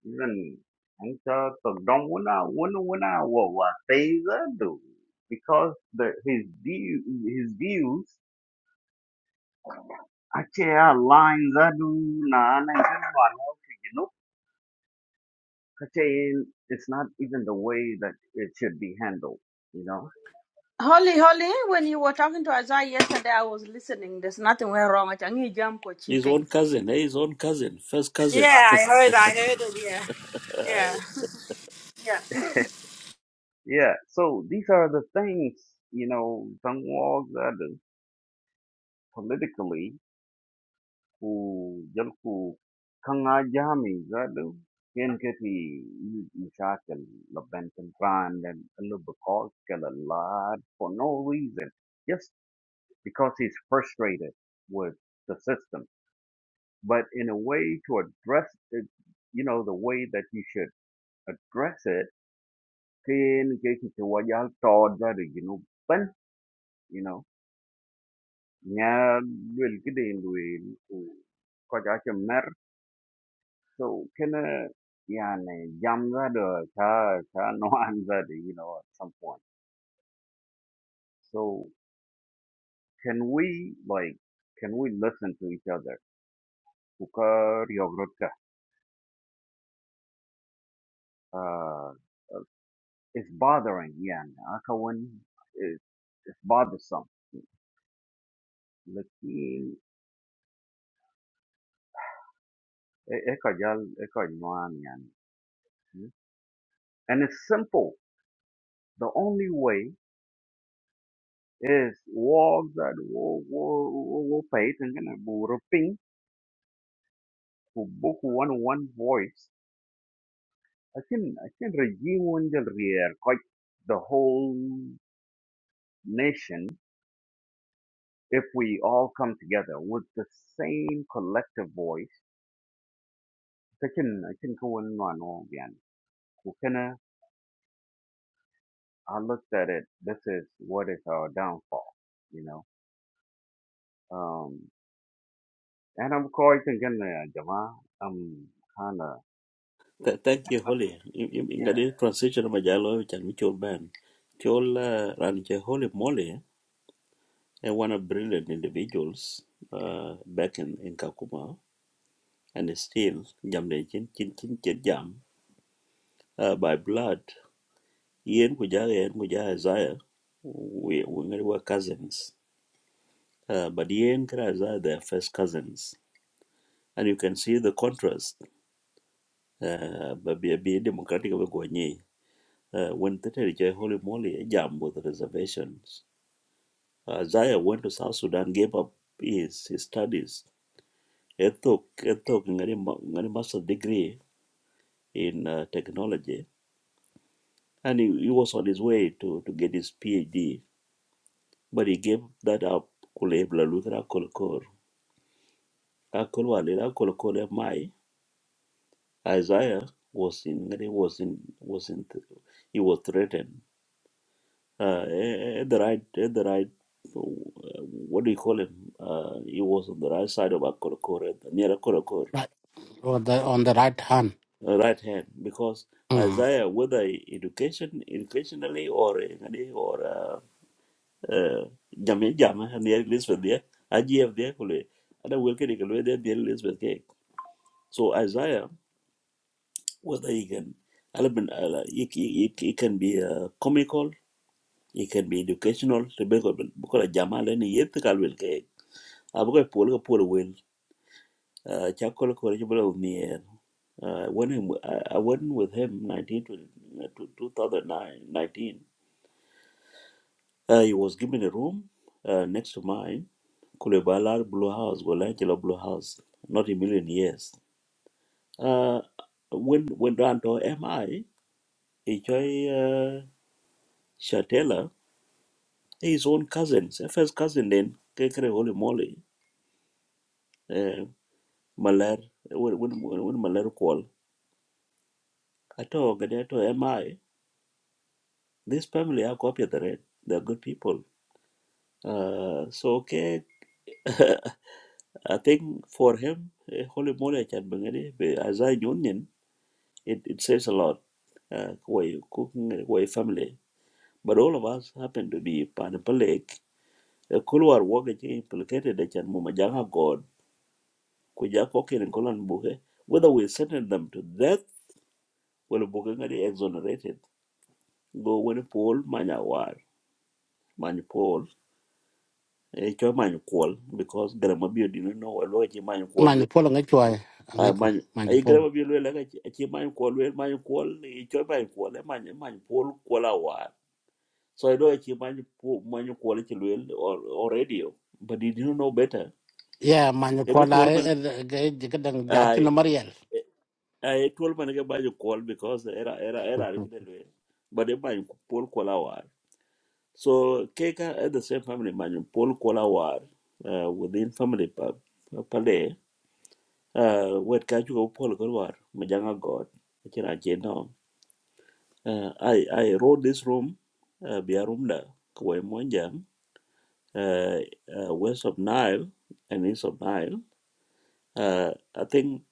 Speaker 4: Even ang sa tagdong una una una wa wa teza do because the his view his views ache a lines adu na na you know it's not even the way that it should be handled you know
Speaker 3: Holly, Holly, when you were talking to Isaiah yesterday, I was listening. There's nothing went wrong. I think you jump for
Speaker 2: His
Speaker 3: chipping
Speaker 2: own cousin, eh? His own cousin, first cousin.
Speaker 3: Yeah, I heard. I heard it. Yeah,
Speaker 2: *laughs*
Speaker 3: yeah, yeah.
Speaker 4: yeah so these are the things you know some walls that politically ku जब ku kanga jami zadu ken kati mishakal la benton brand and a because a lot for no reason just because he's frustrated with the system but in a way to address it you know the way that you should address it ken kati to wajal tod zadu you know ban you know nya will kidin will So can a, yeah, jam that or cha cha no that you know at some point. So can we like can we listen to each other? Kuka ryogrotka. Uh, uh, it's bothering yeah, Akawan it's it's bothersome. Lakin e- ekajal ekajnuan yeah, And it's simple. The only way is walk that walk walk walk walk pay and gonna book one one voice I can I can regiun del rier quite the whole nation if we all come together with the same collective voice. I can I can go and run all again. Kukena, I looked at it. This is what is our downfall, you know. Um, and I'm quite thinking, uh, Jama, I'm kind of
Speaker 2: Th- Thank you, holy.
Speaker 4: yeah.
Speaker 2: Ingadi transition of majalo, which and which old man. Chola Ranche Holy Molly, and one of brilliant individuals uh, back in, in Kakuma, and still Jamde Chin Chin Chin Chin Jam uh, by blood. yen ku jaga yen ku jaga Isaiah we we were cousins uh, but yen kara Isaiah their first cousins and you can see the contrast uh, but be be democratic of Gwanyi nyi uh, when the holy moly jam with reservations uh, Isaiah went to South Sudan gave up his, his studies He took ethok ethok ngari ma- ngari master's degree in uh, technology and he, he was on his way to to get his PhD but he gave that up kulebla Luthra Kolkor. Akolwa Lila Kolokole Mai, Isaiah was in he was in was in he was threatened. Uh, at the right at the right uh, what do you call him? Uh, he was on the right side of Akolokor, near Akolokor,
Speaker 1: right on the on the right hand
Speaker 2: uh, right hand, because
Speaker 1: mm
Speaker 2: Isaiah, whether education, educationally or ngadi or uh, uh, jamii jama near Elizabeth there, IGF there, kule, ada wilke ni kule there near Elizabeth there. So Isaiah whether you can element uh, it, it, it can be uh, comical it can be educational like, because because jama le ni yet kal wel ke abuka a ko pol wel chakol ko re bula mier uh, when him, I, I went with him 19 to, to 2009 uh, he was given a room uh, next to mine kulebala blue house golachelo blue house not a million years uh, when when down to mi ichoi uh, Shatella his own cousins, eh, first cousin then, kekere holy moly, eh, Maler, when, when, when Maler call, ato gadeto MI, this family are copy the red, they're good people. Uh, so okay, *laughs* I think for him, eh, holy moly, chan bangani, as I union, it, it says a lot. Uh, way cooking, way family, but all of us happen to be panapalek. A Kulwar work implicated, that chan mumajanga God. Kuja Kokin and Colin Buke, whether we sentence them to death, will Buke ngadi exonerated. Go when Paul Manya war, Many Paul, a cho Many call because Grandma Beard didn't know a lot of Many call.
Speaker 1: man po lo ngachwa
Speaker 2: I
Speaker 1: ngaku
Speaker 2: man,
Speaker 1: man
Speaker 2: I
Speaker 1: po
Speaker 2: Grandma Beard like a chi call. Paul, Many call. a cho Many call. a man, man Paul, call a war. So I know a chi Many Paul, Many Paul, a chi or or radio, but he didn't know better.
Speaker 1: yeah man
Speaker 2: A
Speaker 1: ko
Speaker 2: bit
Speaker 1: la
Speaker 2: old man.
Speaker 1: ge ge dang ja chi na
Speaker 2: ah,
Speaker 1: mariel
Speaker 2: I told man get by bayo call because era era era
Speaker 1: ko
Speaker 2: kide lwe. But e bayo Paul Kolawar. So Keka at the same family man Paul Kolawar uh, within family pa pa- pale uh, wet kaju ko Paul Kolawar majanga God. Kira jeno. Uh, I I wrote this room uh, biarumda kwa monjang uh, uh, west of Nile and east of Nile. Uh, I think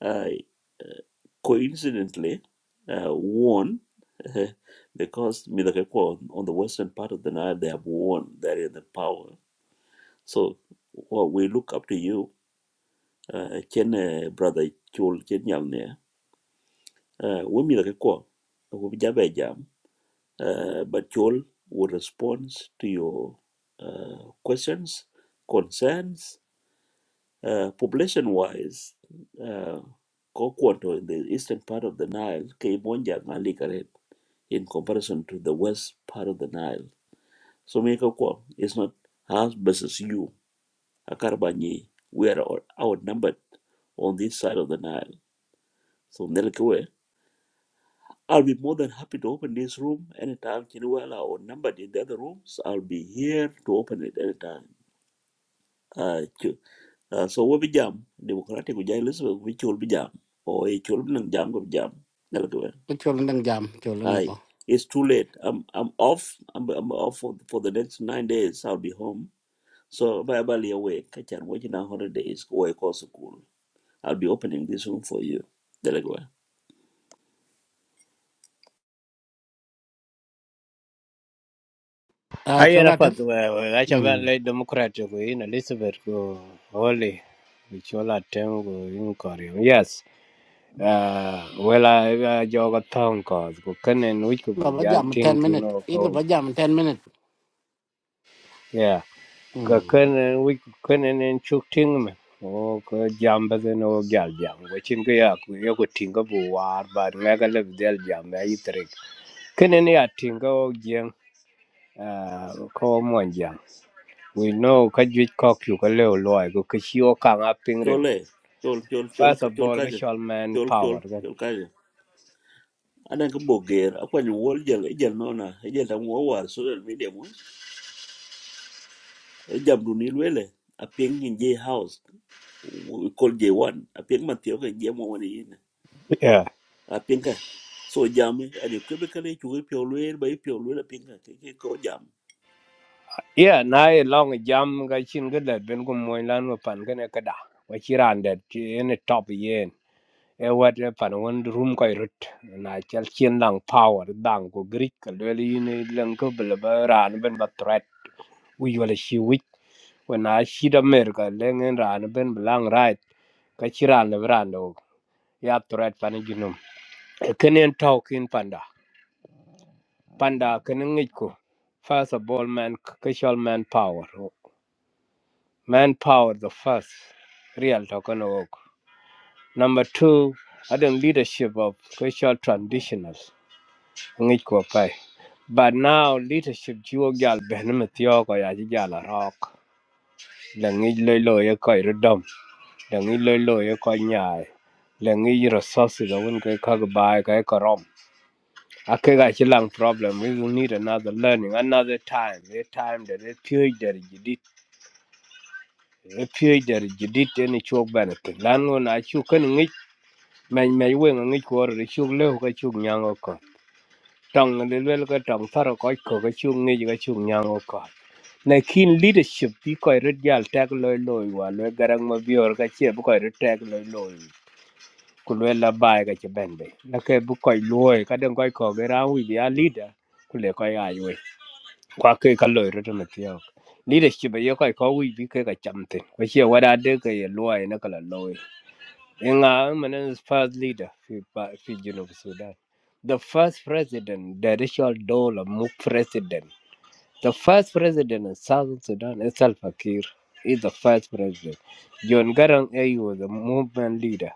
Speaker 2: eh, coincidentally uh, won uh, *laughs* because Midakekwa on, the western part of the Nile, they have won. They're in the power. So well, we look up to you, uh, Chen uh, brother Chol Chen Yamne. Uh, We Midakekwa, we Jabe Jam, uh, but Chol will respond to your uh, questions, concerns, uh, population wise. Uh, Kokwanto in the eastern part of the Nile, Kibonja, in comparison to the west part of the Nile. So Mekakwa is not us versus you, Akarabanye. We are out- outnumbered on this side of the Nile. So Nelkewe, I'll be more than happy to open this room anytime. Chinuela outnumbered in the other rooms. I'll be here to open it anytime. Uh, ch- uh, so we be jam democratic we jam Elizabeth we chul be jam or we chul be jam go jam Nelkewe.
Speaker 1: chol dang jam chol na
Speaker 2: Aye,
Speaker 1: bo
Speaker 2: it's too late. I'm I'm off. I'm I'm off for, for the next nine days. I'll be home So verbally awake, catch and watching our holidays, away course school. I'll be opening this room for you. Delegwa.
Speaker 1: Ah,
Speaker 7: Haya
Speaker 1: chol atem
Speaker 7: rapat acha ben
Speaker 1: mm
Speaker 7: le democrat ko in Elizabeth ko Holly Bichola Tem ko in Korea. Yes. Uh, well, I uh, joga town cause ko kanen which ko
Speaker 1: lo ba
Speaker 7: gal
Speaker 1: jam 10
Speaker 7: think you
Speaker 1: minute
Speaker 7: know
Speaker 1: i lo
Speaker 7: ko
Speaker 1: ba jam 10 minute
Speaker 7: yeah ko
Speaker 1: mm
Speaker 7: kanen which kanen en chuk ting me o ko jamba den o gal jam ko chin ko ya ko yo ko ting ko bu war ba me ga le del jam me yitrek kanen ya ting ko jeng uh, ko mo jam We know ka juic kok yu ka leo loy go ka chio kang a pingrin.
Speaker 2: Chole, chol, eh, chol, chol,
Speaker 7: First of
Speaker 2: chol
Speaker 7: all ka
Speaker 2: kaja,
Speaker 7: chol man
Speaker 2: chol, chol,
Speaker 7: power gan.
Speaker 2: chol kaja. Anan ka boger, akwan yung wall jel, ejel nona, ejel tang wawar, social media mus. Ejam dunil wele, apieng in J house, we call J1, apieng matiyo ka J1 wani yin.
Speaker 7: Yeah.
Speaker 2: Apieng ka. So jam, eh, ane kwebe kale chukwe pyo lwele, bayi pyo lwele apieng ka, kike ko jam.
Speaker 7: Yeah, na e long a jam ka chin k o dat ben ko moin lan ma pan ka ne ka da. Wa chi ran dat chi en e top yen. E wat e pan wan room ka rut. Na chal chin lang power dang ko grik k w e l yin e lang ko bela ba ran ben ba threat. Wi wala chi wik. Wa na chi da mer ka leng en ran ben belang right. Ka chi ran le ran do. Ya threat pan e Kenyan talk in panda panda kenen ngiko first of all man casual man power man power the first real token work number two other leadership of casual traditionals ngiko pai but now leadership juo gal ben tio ko ya ji gal rock la ngi loy loy ko dom la ngi loy loy ko nyaai la ngi resources da won ko ka ba ka ko rom Okay, guys, it's a problem. We will need another learning, another time. A time that a period that you did, a period that you did any chok benefit. Lan when I chuk and ngich, may may wing and ngich water, the chuk leo, a chuk nyang oko. Tong and the little tong faro koi cook, a chuk ngich, a chuk nyang oko. Na keen leadership, be quite red yal tag loy loy, while we garang ma bior, a chia, book I retag loy loy. Kulwela bai ka ci bende. Nake bu koy loy, kadang koy ko gera wi dia leader, kule koy ai kwa ke ka lo ro na tiao leadership ye ka ko wi bi ke ka chamte ko che wada de ke ye lo ai na kala lo e nga man is first leader fi pa- fi jino sudan the first president the richard dole Muk president the first president of south sudan is al fakir is the first president john garang he was a movement leader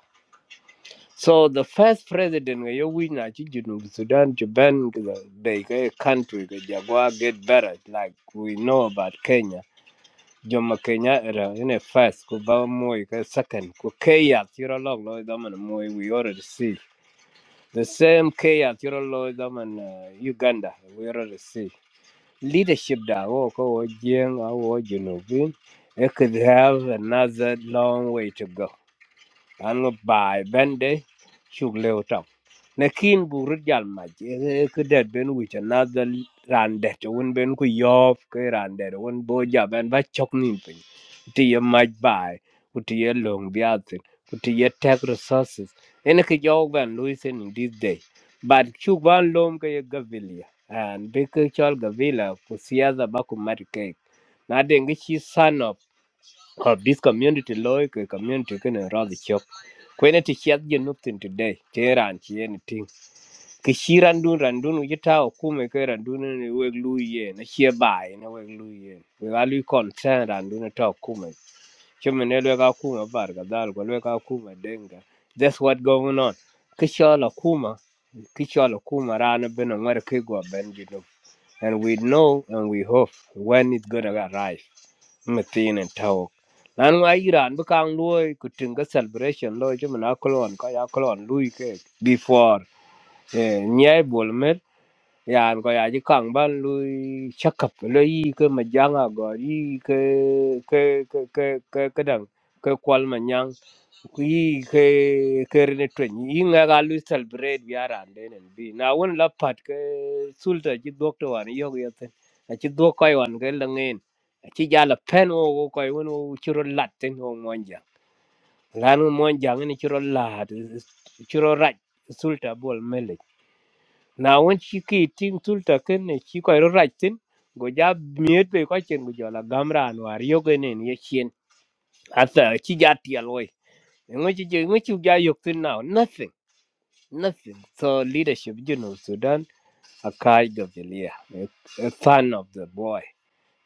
Speaker 7: so the first president nga yo win na chi junub Sudan to ban the country the Jaguar get better like we know about Kenya. Joma Kenya era in a first, go Baba Moy second, go Kaya, Tira Log, Lloyd Daman Moy, we already see. The same Kaya, Tira Lloyd Daman uh, Uganda, we already see. Leadership That wo ko wo jeng a it could have another long way to go. And by Bende, Shugleo Top. nakin bu rut jal ma ke det ben wi cha na da ran det won ben ku yof ke ran det won bo ja ben ba chok nin pin ti ye maj bai ku ti ye long biatin ku ti ye tech resources ene ke jo ben lu sen in this day but chu ban lom ke ye gavilia and be ke chol gavila ku siaza ba ku mat ke na dengi chi sanop of this community loy ke community kene the chok kwene ti chiat je nuptin today te ran chi anything ke shi randun randun yita okume ke randun ne weg lu ye na she bai na weg lu ye we ga lu concern randun e ta okume chume ne lwe ga kuma bar ga dal go lwe ga kuma denga that's what going on ke shala kuma ke shala kuma rana bena ngare ke go ben you know and we know and we hope when it's gonna arrive methane and talk. lan nga iran bi kang luoi ku tinga celebration lo chu mana kolon ka ya kolon lui ke before eh nyai bol yan ko ya ji kang ba lu chakap lo yi ke ma janga go yi ke ke ke ke ke ke dang ke kwal ma nyang ku yi ke ke ne twen yi nga ga lu celebrate bi aran de nen bi na won la pat ke sulta ji doctor wan yo yo ten a ji do koy wan ke la ngin a ji ja la pen o ko koy won o churo lat ten o monja lan mon jang ni chiro lad chiro raj sulta bol mele na won chi ki ting sulta ken ne chi ko raj tin go ja miet be ko chen go la gamran war yo ken ne ye chien asa chi ja ti aloy ngo chi je ngo chi ja yok tin now nothing nothing so leadership you know sudan a kai gabelia a a fan of the boy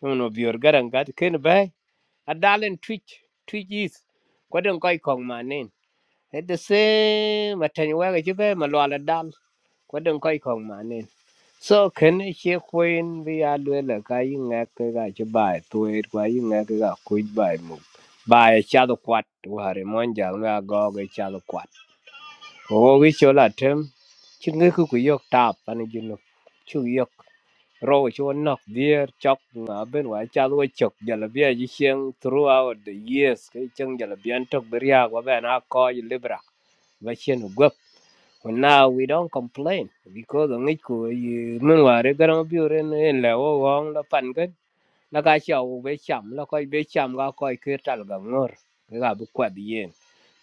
Speaker 7: you know bi orgaran gat ken bay a dalen twitch twitch is ko den koy kong manen Hết se mà thành quá cái chứ bé mà loa là đan Quá đừng coi không mà nên. So khen ấy chia khuyên vì à đuôi là cái nghe cái gà chứ bài tuổi quá ý nghe cái gà khuyên bài mục. Bài cha đồ quạt. Ủa hà rì mòn chẳng là gò cái cha đồ quạt. Ủa cái chỗ là thêm. Chứ người cứ quý yộc tạp anh ấy dùn lục. Chú yộc. Rồi chú nọc đĩa chọc mà bên ngoài cha đồ chọc. Giờ là bia dì throughout the years. Cái chân giờ là bia anh trọc bởi nhà của bên à coi libra ba chen gop Well, now we don't complain because on it ko you mun wa re garan bi re ne le wo wong la pan gan la ka cha u be cham la ko be cham ga ko ke tal ga ngor ga bu kwa di yen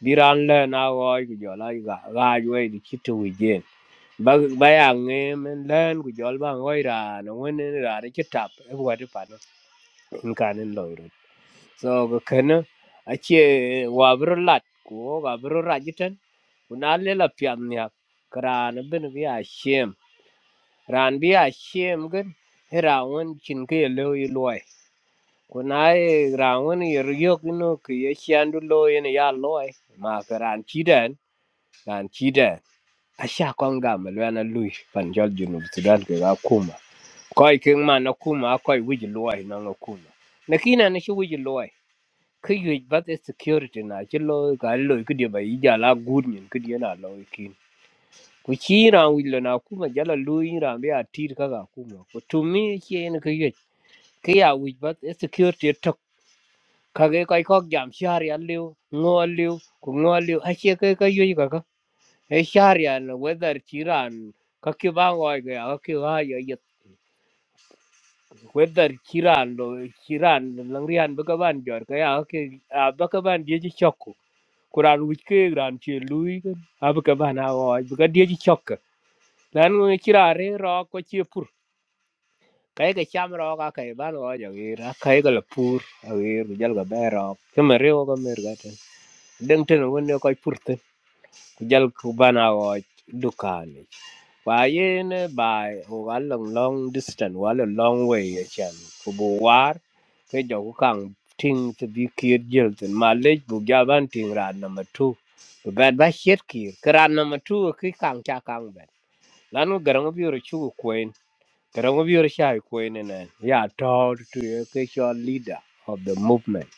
Speaker 7: bi ran le na wo ku jo la ga ga ju e di chitu wi yen ba ba ya nge men len ku jo ba ngoi ra no wen ra de chitap e wa de pan in kan en lo so ga kana ache wa bro lat ko ga bro rajitan kuna lela pian nya kran bin bi a shem ran bi a shem gan ra won chin ke lo yi loy kuna e ra won yer yok no ke ye shan du lo yin ya loy ma kran chi den ran chi den a sha kon ga me lo na lui pan jol junub sudan ke ga kuma koi king man na kuma koi wij loy na kuma nakina na shi wij loy ke yuej bắt e security na ci lo cái lo cái điều ba giờ là good nyin cái điều na lo cái ku ci ra wi lo na ku ma jala lu yin ra be a tir ka cái ku ma ku tu mi ci en cái yuej ke ya yuej bat cái security tok ka cái cái ko jam shar ya liu ngo liu ku ngo liu a ci cái cái yuej ka cái e shar ya no weather ci cái ka ki cái ngoi cái ka ki ha ya whether kiran lo kiran langrian bakaban jor kaya ya ke bakaban dia je chokku kuran wich ke ran che lui kan abakaban a o baka die ji chokka lan ngi kirare ro ko che pur kai ka cham ro ka kaya ban o ja ge kaya kai la pur a jal ga ba ro o ga mer ga ten deng ten won ne ko pur jal ku bana o dukani wa yen ba o ga long long distance wa lo long way a chan ku bu war ke jo ku kang ting to bi kir jel tin ma le bu ga ban ting ran na ma tu bu ba ba shet kir kran na ma ki kang cha kang ben lanu garang bi ro chu kuen garang bi ro sha kuen ne ya to to ye ke cho leader of the movement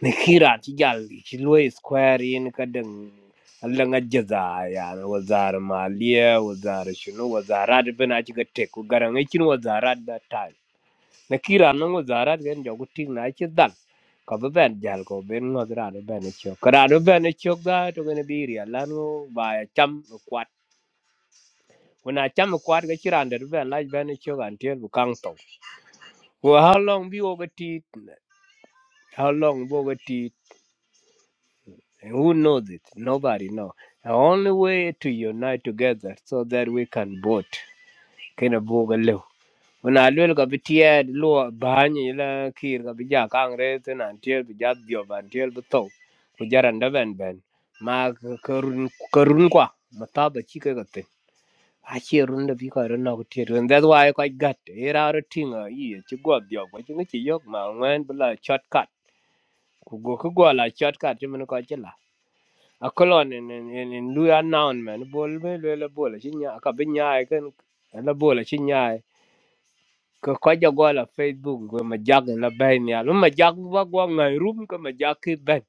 Speaker 7: ni khiran ci jalli ci loy square yin ka din Allah nga jaza ya na wazar maliya wazar shinu wazarat bina ci ga tek ku garan kin wazarat da ta na kiran nan wazarat ga inda ku tin na ci dal ka ba ben jal ko ben no dra do ben ci ko ra do ben ci ga to ga ne biri Allah no ba ya cham kwat kuna cham kwat ga kiran da do ben la ben ci ga antel bu kang to Well, how long bi wo ga ti how long bo ga And who knows it? Nobody know. The only way to unite together so that we can vote. Kina buga leo. Una lwel ka bitiad lua banyi la kir ka bija kangre tin antiel bija diob antiel bito. Kujaran daben ben. ben. Ma karun karun kwa. Mataba chike kate. Achi run da bika run na kutir. And that's why I quite got. Era ara tinga iye chigwa diob. Kwa chinga chiyok ma ngwen bila shortcut. Kugo kugwa la shortcut chimene kwa a kolon en en en en luya noun man bol me le la bol chi nya ka bi nya kan la bol chi nya ko ko ja go la facebook go ma jag la bay ni al ma jag wa go ngai rum ko ma jag ki ben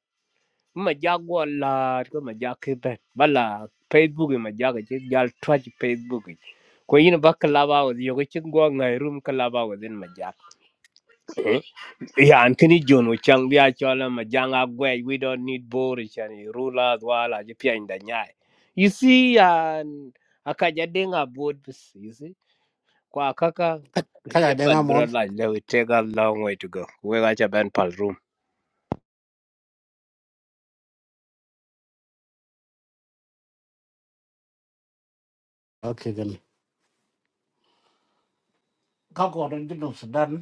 Speaker 7: ma jag go la ko ma jag ki ben bala facebook ma jag chi jal twaj facebook ko yin ba ka la ba wo yo ko chi go ngai rum ka la ba wo din ma jag Yeah, and kini John we chang bia chola majanga gwe. We don't need borish and rulers wala jipia in the nyai. You see, and akajadenga board, you see, kwa kaka
Speaker 1: kala
Speaker 7: achia
Speaker 1: de nga
Speaker 7: pan bro
Speaker 1: mol
Speaker 7: la le we take a long way to go. We got a ban pal room.
Speaker 1: okay gan ka ko don jinu sudan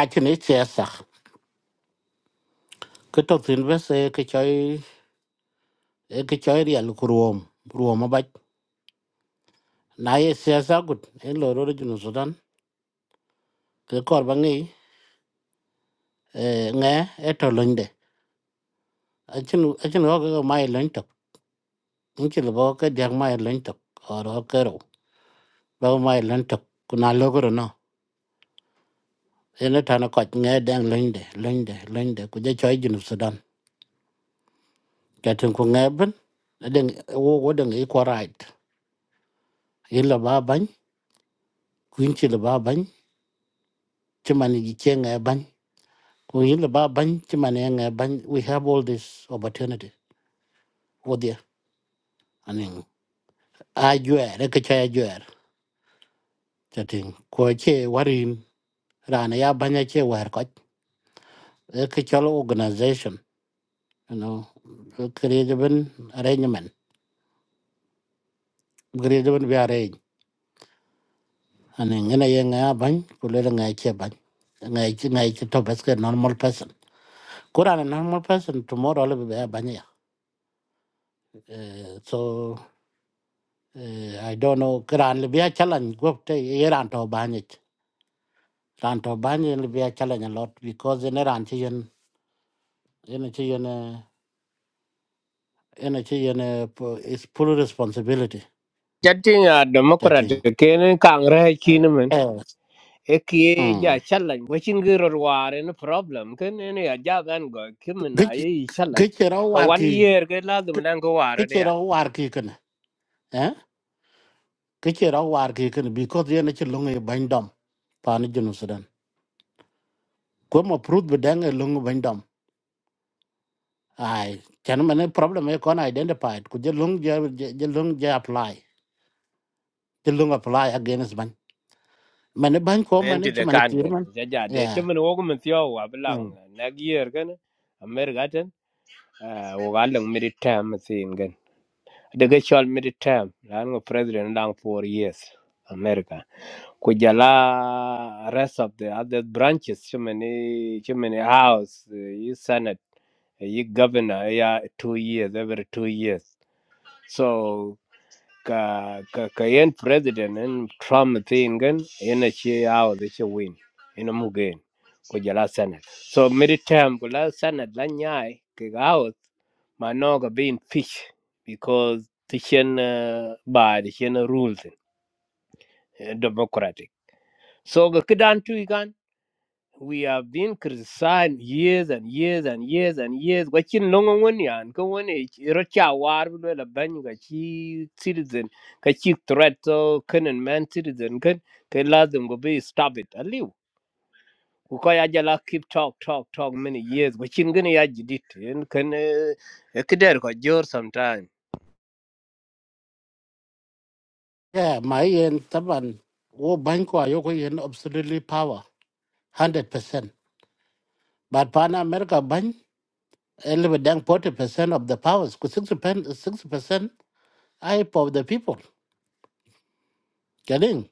Speaker 1: a chi ne che sa ko to tin be se ke choi eh, ke choi riel ku ruom ruom ba na ye se sa gut en lo ro jinu sudan ke kor ba ngi nge e de achin achin ho ko mai lon tok inchi lo bo ke diak mai lon tok or ho ke ro ba mai lon kuna lo ko no ene ta ko nge dang lon de lon de lon de ku je choi jinu sudan ka tin ku nge ben den wo wo den e ko right yin lo ba ban ku inchi lo ba ban chi man gi che ban ku yin lo ba ban chi man e ban we have all this opportunity wo dia anin a juer ke cha juer chatin ko che warin rana ya banya che war ko e ke chol organization you know creative arrangement creative be arrange ane ngene ye nga ban ko le nga che ban nga che nga che to bas ke normal person kurana normal person tomorrow le be banya ya Eh, so eh, i don't know kuran le be challenge go te ye ran to banya ran to banya le be challenge a lot because in ran che yen che yen e, ene ci yene is full responsibility
Speaker 7: Chatting a
Speaker 1: that
Speaker 7: democrat
Speaker 1: thing
Speaker 7: ken kangre chinaman.
Speaker 1: eh
Speaker 7: Eki
Speaker 1: mm
Speaker 7: ja challenge. Wachin giro war in problem. Ken any a jagan go kimin a
Speaker 1: gichi
Speaker 7: ye challenge.
Speaker 1: gichi raw
Speaker 7: For
Speaker 1: war
Speaker 7: one
Speaker 1: ki
Speaker 7: year, get la the manango war
Speaker 1: gichi raw war ki ken eh gichi raw war ki because yene ci lungu bañ dom pani junu sudan ko ma prut be dange lungu bañ dom ay mane problem e kon identified ku je lung je je lung je apply je lung apply against ban mane bañ ko mane
Speaker 7: enti
Speaker 1: ci
Speaker 7: de
Speaker 1: mane
Speaker 7: kan
Speaker 1: kir
Speaker 7: gan
Speaker 1: man
Speaker 7: ja ja de
Speaker 1: yeah
Speaker 7: chimen wo men thio wa blang
Speaker 1: mm.
Speaker 7: na gier gan amer gaten wo ga lang mid term thing gan de ga chol mid term ran go president lang for years america ku jala rest of the other branches chimen chimen house you senate you governor yeah two years every two years so ka ka ka yen president en Trump tingen yen chi out the chi win in a mugen ko jala senate so mid term ko la senate la nyai ke out ma no ga being fish because the chen uh, by the chen rules in, uh, democratic so ga kidan tu we have been criticized years and years and years and years. Wacin nongo wani an ko wani rocha war bu la ban ga chi citizen ka chi threat to kanan man citizen kan ka lazim go be stop it aliu. Ku ko ya jala keep talk talk talk many years wacin gani ya jidit en kan eh, ya kidar ko jor sometime.
Speaker 1: yeah my yen taban wo bañ ko ayoko yen absolutely power hundred percent. But Pan America ban a little dang forty percent of the powers, because sixty percent sixty percent I of the people getting.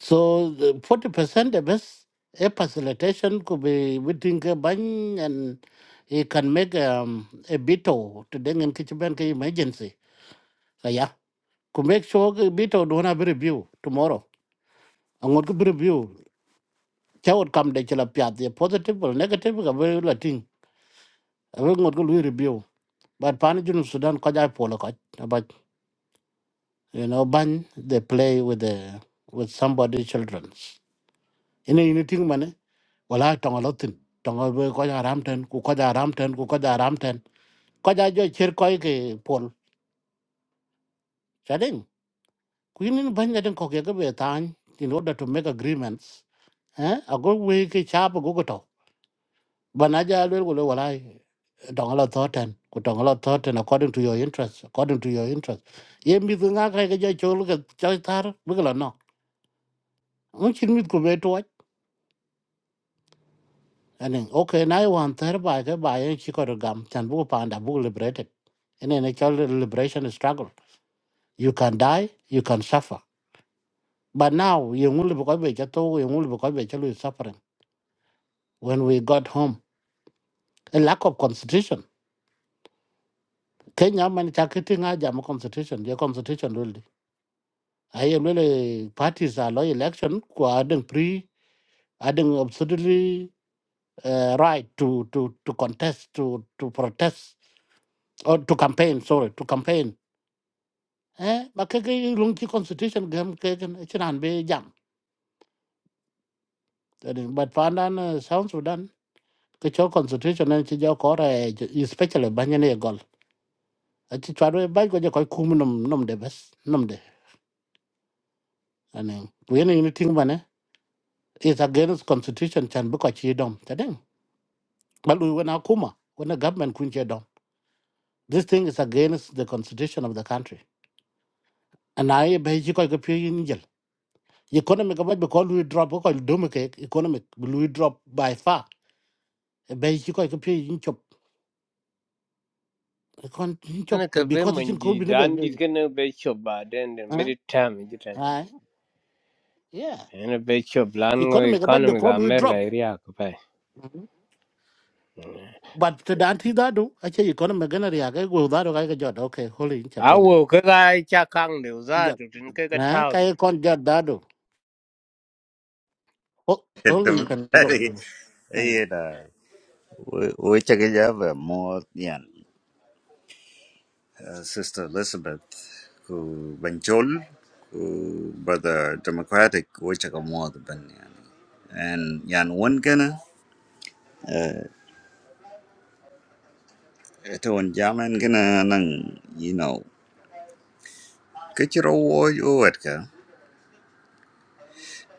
Speaker 1: So forty percent the best a facilitation could be within a ban and it can make um, a veto to dang in kitchen emergency. So yeah. Could make sure the veto don't have a review tomorrow. And what could be review? Chow would come the chilapia, the positive or negative, a very latin. I will not go review. But Panajun Sudan Kajai Polo Kaj but you know, ban they play with the with somebody children's. In a uniting money, well I tongue a lot in tongue koja ramten, kukoja ramten, kukoja ramten. Koja jo chir koi ke pol. Shading. Queen in bang at an cocky time in order to make agreements. Eh? A good way ke chap gogoto. Banaja will go walai dongalo thoten ku dongalo thoten according to your interest according to your interest ye mi nga ka ga ja chol ga cha tar bigla no un chin mit ku beto wat okay now i want ther ba ga ba ye chi ko gam chan bu pa nda bu liberated and then a child liberation struggle you can die you can suffer but now you ngul bu be cha you ngul be cha lu suffering when we got home a lack of constitution kenya man cha kiti nga jam constitution ye constitution really. ai em lele parties are loy election ku adeng pre adeng absolutely uh, right to to to contest to to protest or to campaign sorry to campaign eh ba ke ke lung chi constitution gam ke ke chiran be jam Jadi, but pandan uh, South sudan ke cho constitution en chi jo kore especially banyane gol achi chwarwe ba ko je ko kum nom nom de bes nom de anen ku yene ni ting bane is against constitution chan bu ko chi dom tadeng But we when Akuma, when the government kun che dom. This thing is against the constitution of the country. And I be chi ko ko pye yin jel. Economic about because we drop ko dum ke economic we drop by far. Be chi ko ko pye yin chop. Kon yin
Speaker 7: Ana
Speaker 1: chop
Speaker 7: ka be
Speaker 1: because
Speaker 7: man
Speaker 1: chin ko
Speaker 7: di
Speaker 1: bi no be.
Speaker 7: dan di
Speaker 1: be-
Speaker 7: kan eh, be chob ba den den
Speaker 1: Huh?
Speaker 7: mid time. jitan.
Speaker 1: Aye. Yeah.
Speaker 7: Ana be chob lan
Speaker 1: Economic about
Speaker 7: economy ga
Speaker 1: because we
Speaker 7: America
Speaker 1: drop.
Speaker 7: area ko pa
Speaker 1: Mhm. But the anti that do actually economic gonna react go that okay jot okay holy in
Speaker 7: I
Speaker 1: chopping.
Speaker 7: will awo kaga cha kang de za
Speaker 1: Yeah.
Speaker 7: to tin kaga
Speaker 1: Nah, kaya
Speaker 7: thousand
Speaker 1: kon jot that do. Oh,
Speaker 4: *laughs*
Speaker 1: Holy you can go.
Speaker 4: Democratic,
Speaker 1: Mm-hmm.
Speaker 4: you know, we we check it out more. Yeah. uh, Sister Elizabeth, who Benjol, who Brother Democratic, which I come more than and yan one gonna ito one jaman gonna nang you know kachiro wo yo etka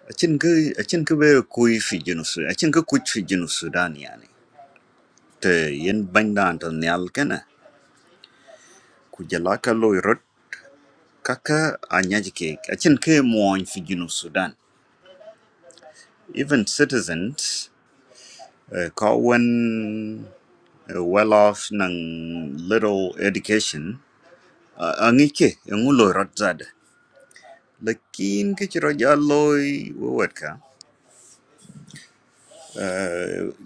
Speaker 4: achin ku achin ku be kui fi jinus achin ku kuch fi jinus sudan yani te yen banda to nyal kana ku jala ka loy rot kaka anyaji ke achin ke mo fi jinus sudan even citizens uh, ka wan uh, well off ng little education uh, ang ike ang ulo ratzada lakin ke chiro jaloy wet ka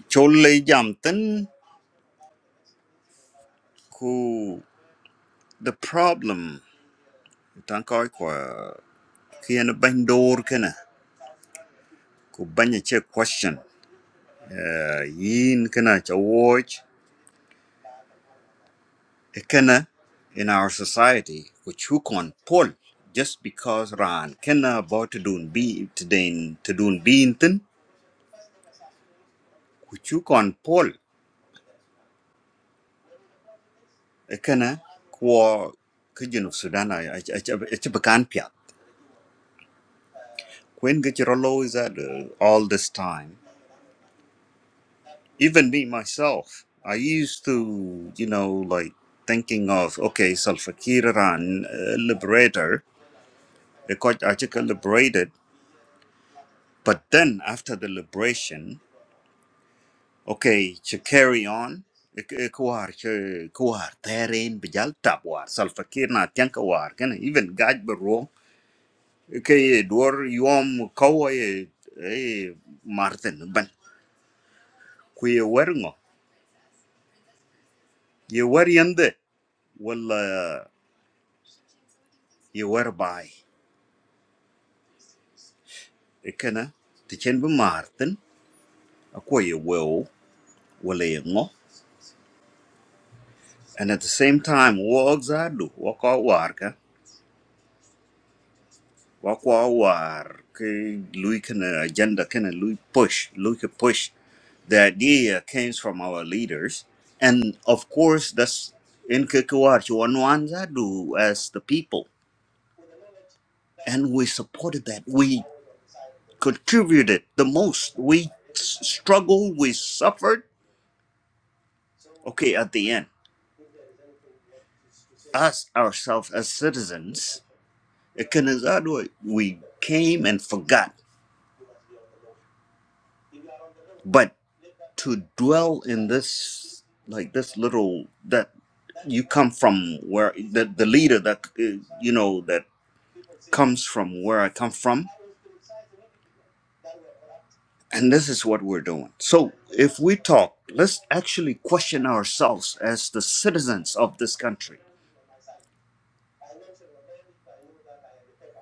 Speaker 4: cholle jamten ku the problem tan ko ko kien bandor kana ku banya che question uh, yin kana cha watch kana in our society which who can pull just because ran kana about to do be to do be inten which you can pull kana ko ka junub sudan a ci bakan piat kwen ga ci is that uh, all this time even me myself i used to you know like thinking of okay Salva Kiir ran uh, liberator because i liberated but then after the liberation okay to carry on kuwar kuwar terrain bijal tabwar Salva Kiir na tiang kuwar kana even gaj ke ye dwor yom kowo ye eh martin ban ku ye wer ngo ye wer yende wala ye wer bai ikena ti chen bu martin akwa ye wo wala ye ngo and at the same time wo ogzadu wo ko war wakwa war ke lui kana agenda kana lui push lui ke push the idea comes from our leaders and of course that's in Kikuar do as the people and we supported that we contributed the most we s- struggled we suffered okay at the end us ourselves as citizens eh, kana zadu, we came and forgot but. to dwell in this like this little that you come from where the, the leader that uh, you know that comes from where i come from and this is what we're doing so if we talk let's actually question ourselves as the citizens of this country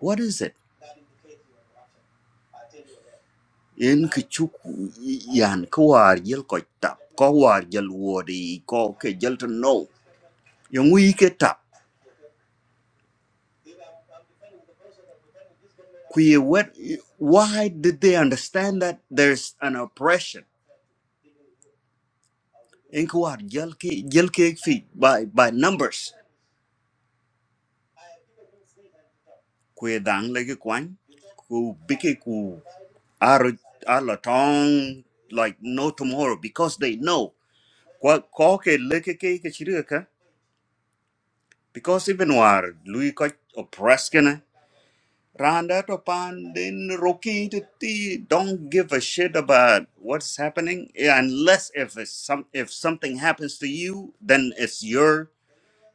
Speaker 4: what is it in kichuk yan ko yel ko tap ko war yel wodi ko ke yel to know yung wi ke tap Kuye, what, why did they understand that there's an oppression? Inkwar jelke jelke fi by by numbers. Kuye dang lege kwan ku bike ku aro alo like no tomorrow because they know kwa koke leke ke ke chirika because even war lui ko oppressed Randa Topandin Roki Titi don't give a shit about what's happening yeah, unless if it's some if something happens to you, then it's your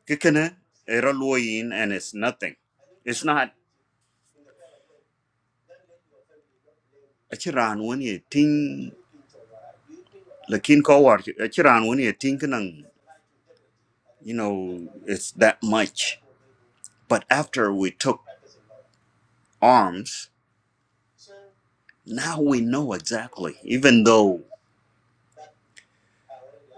Speaker 4: kikana eraloyin and it's nothing. It's not a chiran when you ting lakin kawar a chiran when you think nang you know it's that much. But after we took arms, now we know exactly. Even though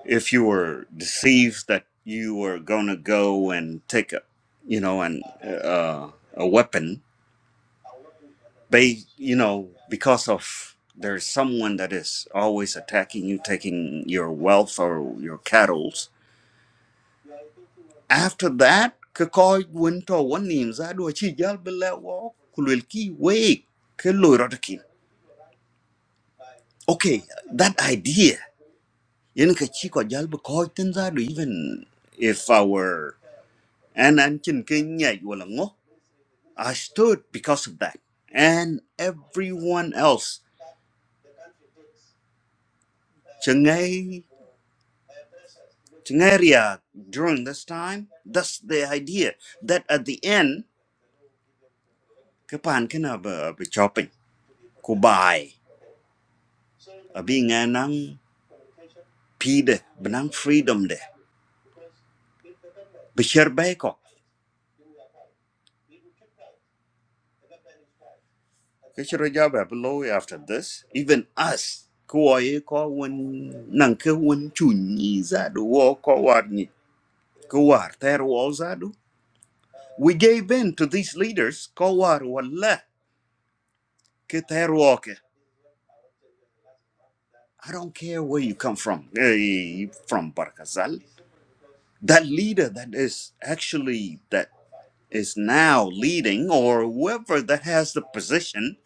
Speaker 4: if you were deceived that you were going to go and take a you know an uh, a weapon they you know because of there's someone that is always attacking you taking your wealth or your cattle after that ka koy won to won nim za chi jal bela wo kulwel wake we ke okay that idea yen ka chi ko jal be koy tin za even if our and an chin king nyai wala ngo I stood because of that. And everyone else, Chengay, Chengaria, during this time, that's the idea that at the end, kapan kena be shopping, kubai, abi nganang pide, benang freedom de, besher beko. Kecil raja below after this, even us, kuai ko wen nang ke wen chunyi zadu wo ni warni, kuar ter We gave in to these leaders. Kowar, wallah, Keter Walker. I don't care where you come from. Eh, From Barkazal. That leader that is actually, that is now leading, or whoever that has the position,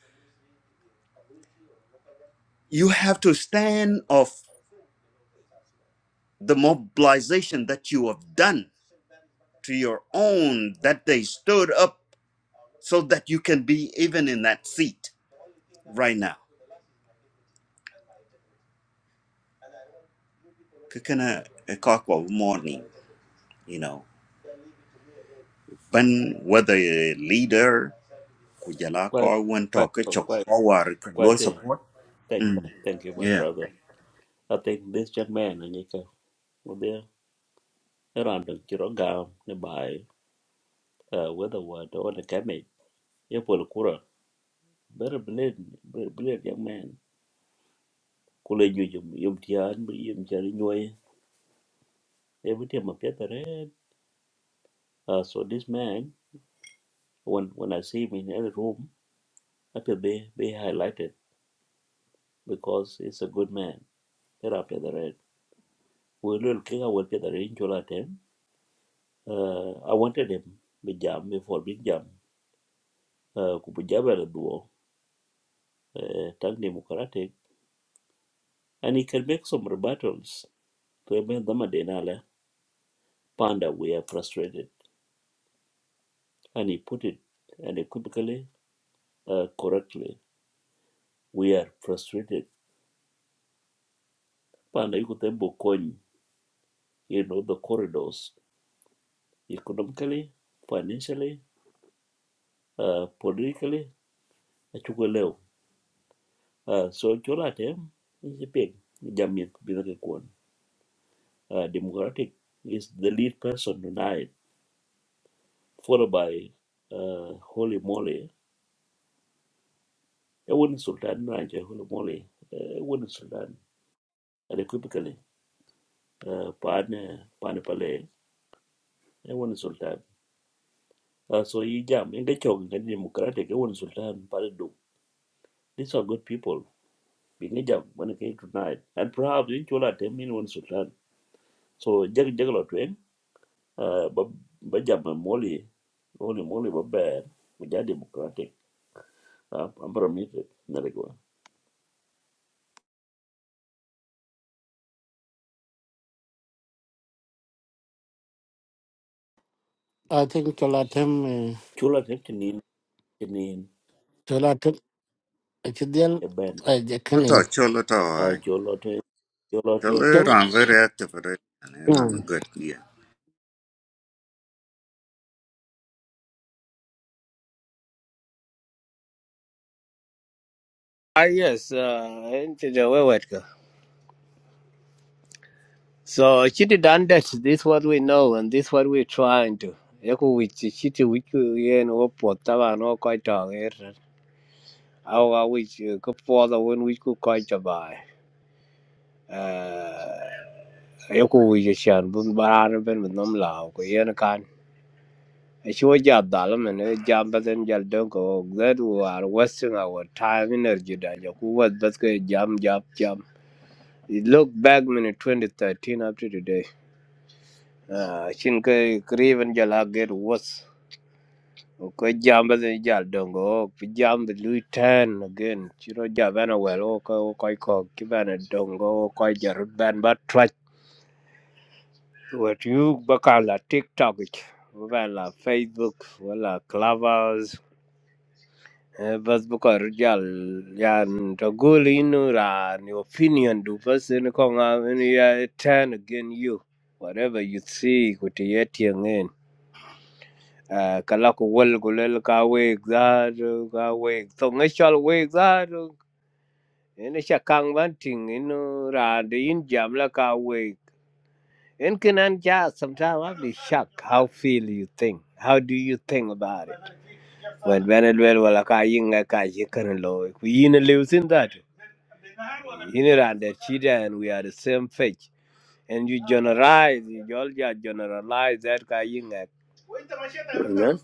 Speaker 4: you have to stand off the mobilization that you have done to your own, that they stood up so that you can be even in that seat right now. Kekana, eh, Kakwa, Morning, you know. ban whether a leader kujala
Speaker 2: Kwa,
Speaker 4: ko won to
Speaker 2: kwa,
Speaker 4: ke
Speaker 2: kwa,
Speaker 4: chok
Speaker 2: kwa,
Speaker 4: ko war ke
Speaker 2: kwa
Speaker 4: lo
Speaker 2: te.
Speaker 4: support
Speaker 2: Thank,
Speaker 4: mm
Speaker 2: thank you, my
Speaker 4: yeah
Speaker 2: brother. I think this young man, Anika, there around the Kiroga nearby, uh, whether what or the Kame, Yapol Kura, very brilliant, very brilliant young man. Kule Yum Yum Tian, Yum Tian, every time I get the red. Uh, so this man, when when I see him in any room, I feel be, be highlighted because he's a good man. There after the red. We little king, I will get the range all at him. Uh, I wanted him, be jam, before big jam. uh, kubujaba la duo uh, tang democratic and he can make some rebuttals to Emel Damadenala Panda we are frustrated and he put it unequivocally uh, correctly we are frustrated Panda yuko tembo kony you know the corridors economically financially uh, politically achukwe leo uh, so chola tem is a pig jamit bidake kwon uh, democratic is the lead person tonight followed by uh, Holy Moly. A wooden Sultan Ranch, a Holy Moly, a wooden Sultan, and equivocally, uh, Pane, Pane Pale, a wooden Sultan. Uh, so you jam, and get chok, and democratic, a wooden Sultan, Paladu. These are good people. Being a jam when it came tonight, and perhaps in Chola, ten million wooden Sultan. So Jag Jagla Twain, uh, but but jam and Moly, Holy Moly, but bad, which are democratic. Uh, I'm permitted, Narigua.
Speaker 1: I think Cholatem, uh,
Speaker 2: Chola, ten million, a band.
Speaker 1: Cholatem, Chidial, uh,
Speaker 4: to
Speaker 1: Jacqueline.
Speaker 4: cholo to
Speaker 2: Uh, Cholote, Cholote,
Speaker 4: cholo
Speaker 1: Chol,
Speaker 4: ran very active right? and it run
Speaker 1: Mm.
Speaker 4: good yeah
Speaker 7: ah yes uh into the way what go so chiti done that this what we know and this what we trying to yako which chiti which we o pota ba no kai ta er awa which ko for the when we could kai ta ba e. uh yako which chan bun ba ben with nom lao ko yen Sure job, Dalaman, a job as in Jaldonko, that who are wasting our time, energy, and who was that's good, jam, job, jam. You Look back, man, 2013 up to today. Ah, Shinka, Craven Jala get worse. Okay, jam as in Jaldonko, jam the Louis Tan again. Chiro Javana, well, okay, okay, okay, Kibana Dongo, okay, Jaruban, but try. What you, Bakala, TikTok, it. Wala Facebook, wala Clavas, Eh, بس بكون رجال يعني تقول إنه يعني opinion do person كون يعني turn against you whatever you see كتياتي ngin Uh, kala ku wal ku lel ka weg zaru ka weg to ngechal weg zaru ene sha kang ban ting ino ra de in la ka weg en kenan ja sometimes i be shocked how feel you think how do you think about it when when it well wala ka yinga ka yikaran lo ku yin leusin that Inner and the children we are the same faith. And you generalize, you all just generalize that kind of Amen.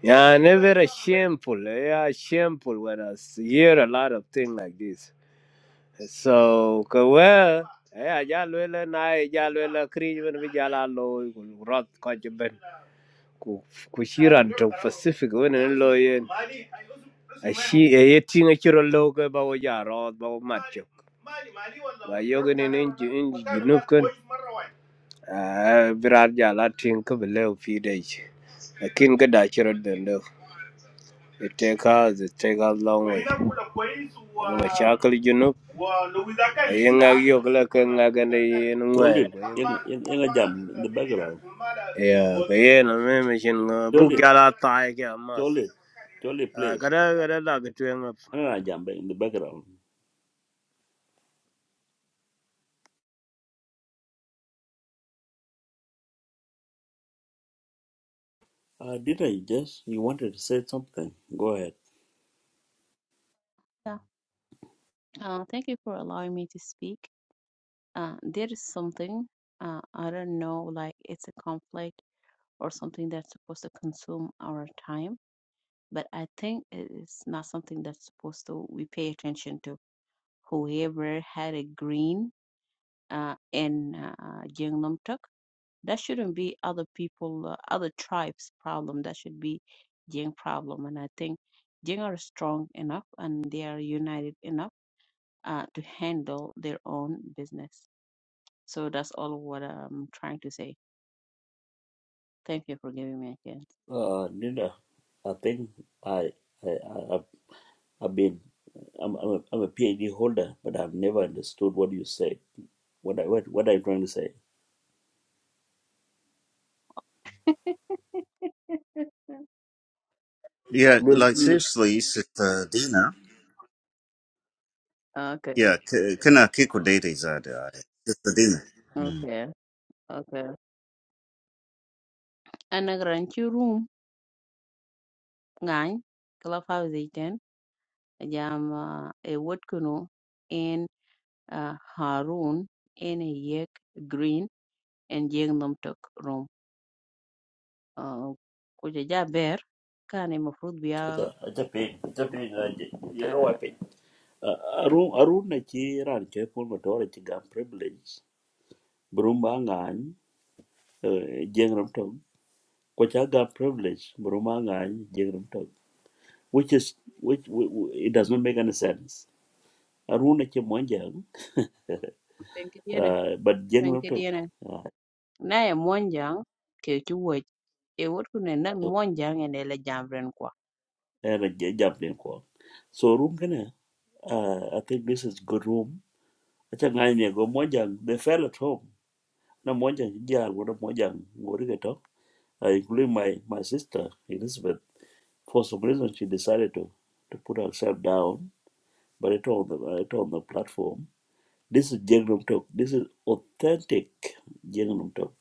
Speaker 7: Yeah, I never shameful. Yeah, shameful when I s- hear a lot of things like this. So, ka well, yeah, ja lwela I, ja lwela kri ben bi ja la lo rot ko ku ku shiran to pacific wenen lo yen a shi e yetin a kiro lo ga ba wo ya ro ba wo matcho ba yo ga ne ne ji in ji junub kan a birar ja la tin ka bele fi dai lakin ga da kiro da lo It take us, it take us long way. Nga chakal junub. Ayi ngag yok la ka ngag na yin
Speaker 2: Cholit,
Speaker 7: ngwen.
Speaker 2: Yang Yang Jam in the background.
Speaker 7: Yeah, ka yin a me me shin nga bu
Speaker 2: Cholit,
Speaker 7: gala tae ke amas.
Speaker 2: Cholit, Cholit plays.
Speaker 7: Kada kada la ka
Speaker 2: Another Jam in the background. Uh, Dina, you just you wanted to say something. Go ahead.
Speaker 8: Yeah. Uh, thank you for allowing me to speak. Uh, there is something, uh, I don't know, like it's a conflict or something that's supposed to consume our time, but I think it is not something that's supposed to we pay attention to. Whoever had a green uh, in uh, Jeongnam Tuk, that shouldn't be other people, uh, other tribes' problem. That should be Jing problem. And I think Jing are strong enough and they are united enough uh, to handle their own business. So that's all what I'm trying to say. Thank you for giving me a chance.
Speaker 2: Uh, Dina, I think I I I- I've, I've been I'm I'm a, I'm a PhD holder, but I've never understood what you say. What I what what are you trying to say?
Speaker 8: *laughs*
Speaker 4: yeah
Speaker 2: Well,
Speaker 4: like
Speaker 2: well,
Speaker 4: seriously sister dina
Speaker 8: okay,
Speaker 4: yeah k- kana kiko data is that uh, sister dina Mm.
Speaker 8: okay, okay. Ana garanti room ngan clubhouse iten jam uh, e wot kuno in uh, Harun in a yek green and jeng nom tok room. Uh, kuja ja ber kan e mafrut
Speaker 2: it's a
Speaker 8: biya
Speaker 2: it's a pain. It's a pain. uh, You know, I
Speaker 8: uh,
Speaker 2: pain. Uh, Arun Arun na chi ran che pun motor chi gam privilege. Buruma Ngan, Jengram Tong, Kochaga privilege, Buruma Ngan, Jengram which is, which, w w- it does not make any sense. Aruna ke Monjang, *laughs* uh, but Jengram Tong,
Speaker 8: penkidiene
Speaker 2: uh,
Speaker 8: naye Mwanjang Keo Kiwuoch, it would couldn't not Mwanjang and Ele Jamrenkwa.
Speaker 2: era Jablin Kwong. So, room kana, uh, I think this is good room. Acha Ngani go Monjang, they fell at home. Na Monjang, Jar, what a Monjang, Gorikato, uh, including my, my sister, Elizabeth. For some reason, she decided to, to put herself down But I told them, I told the platform, this is Jengnam Talk. This is authentic Jengnam Talk.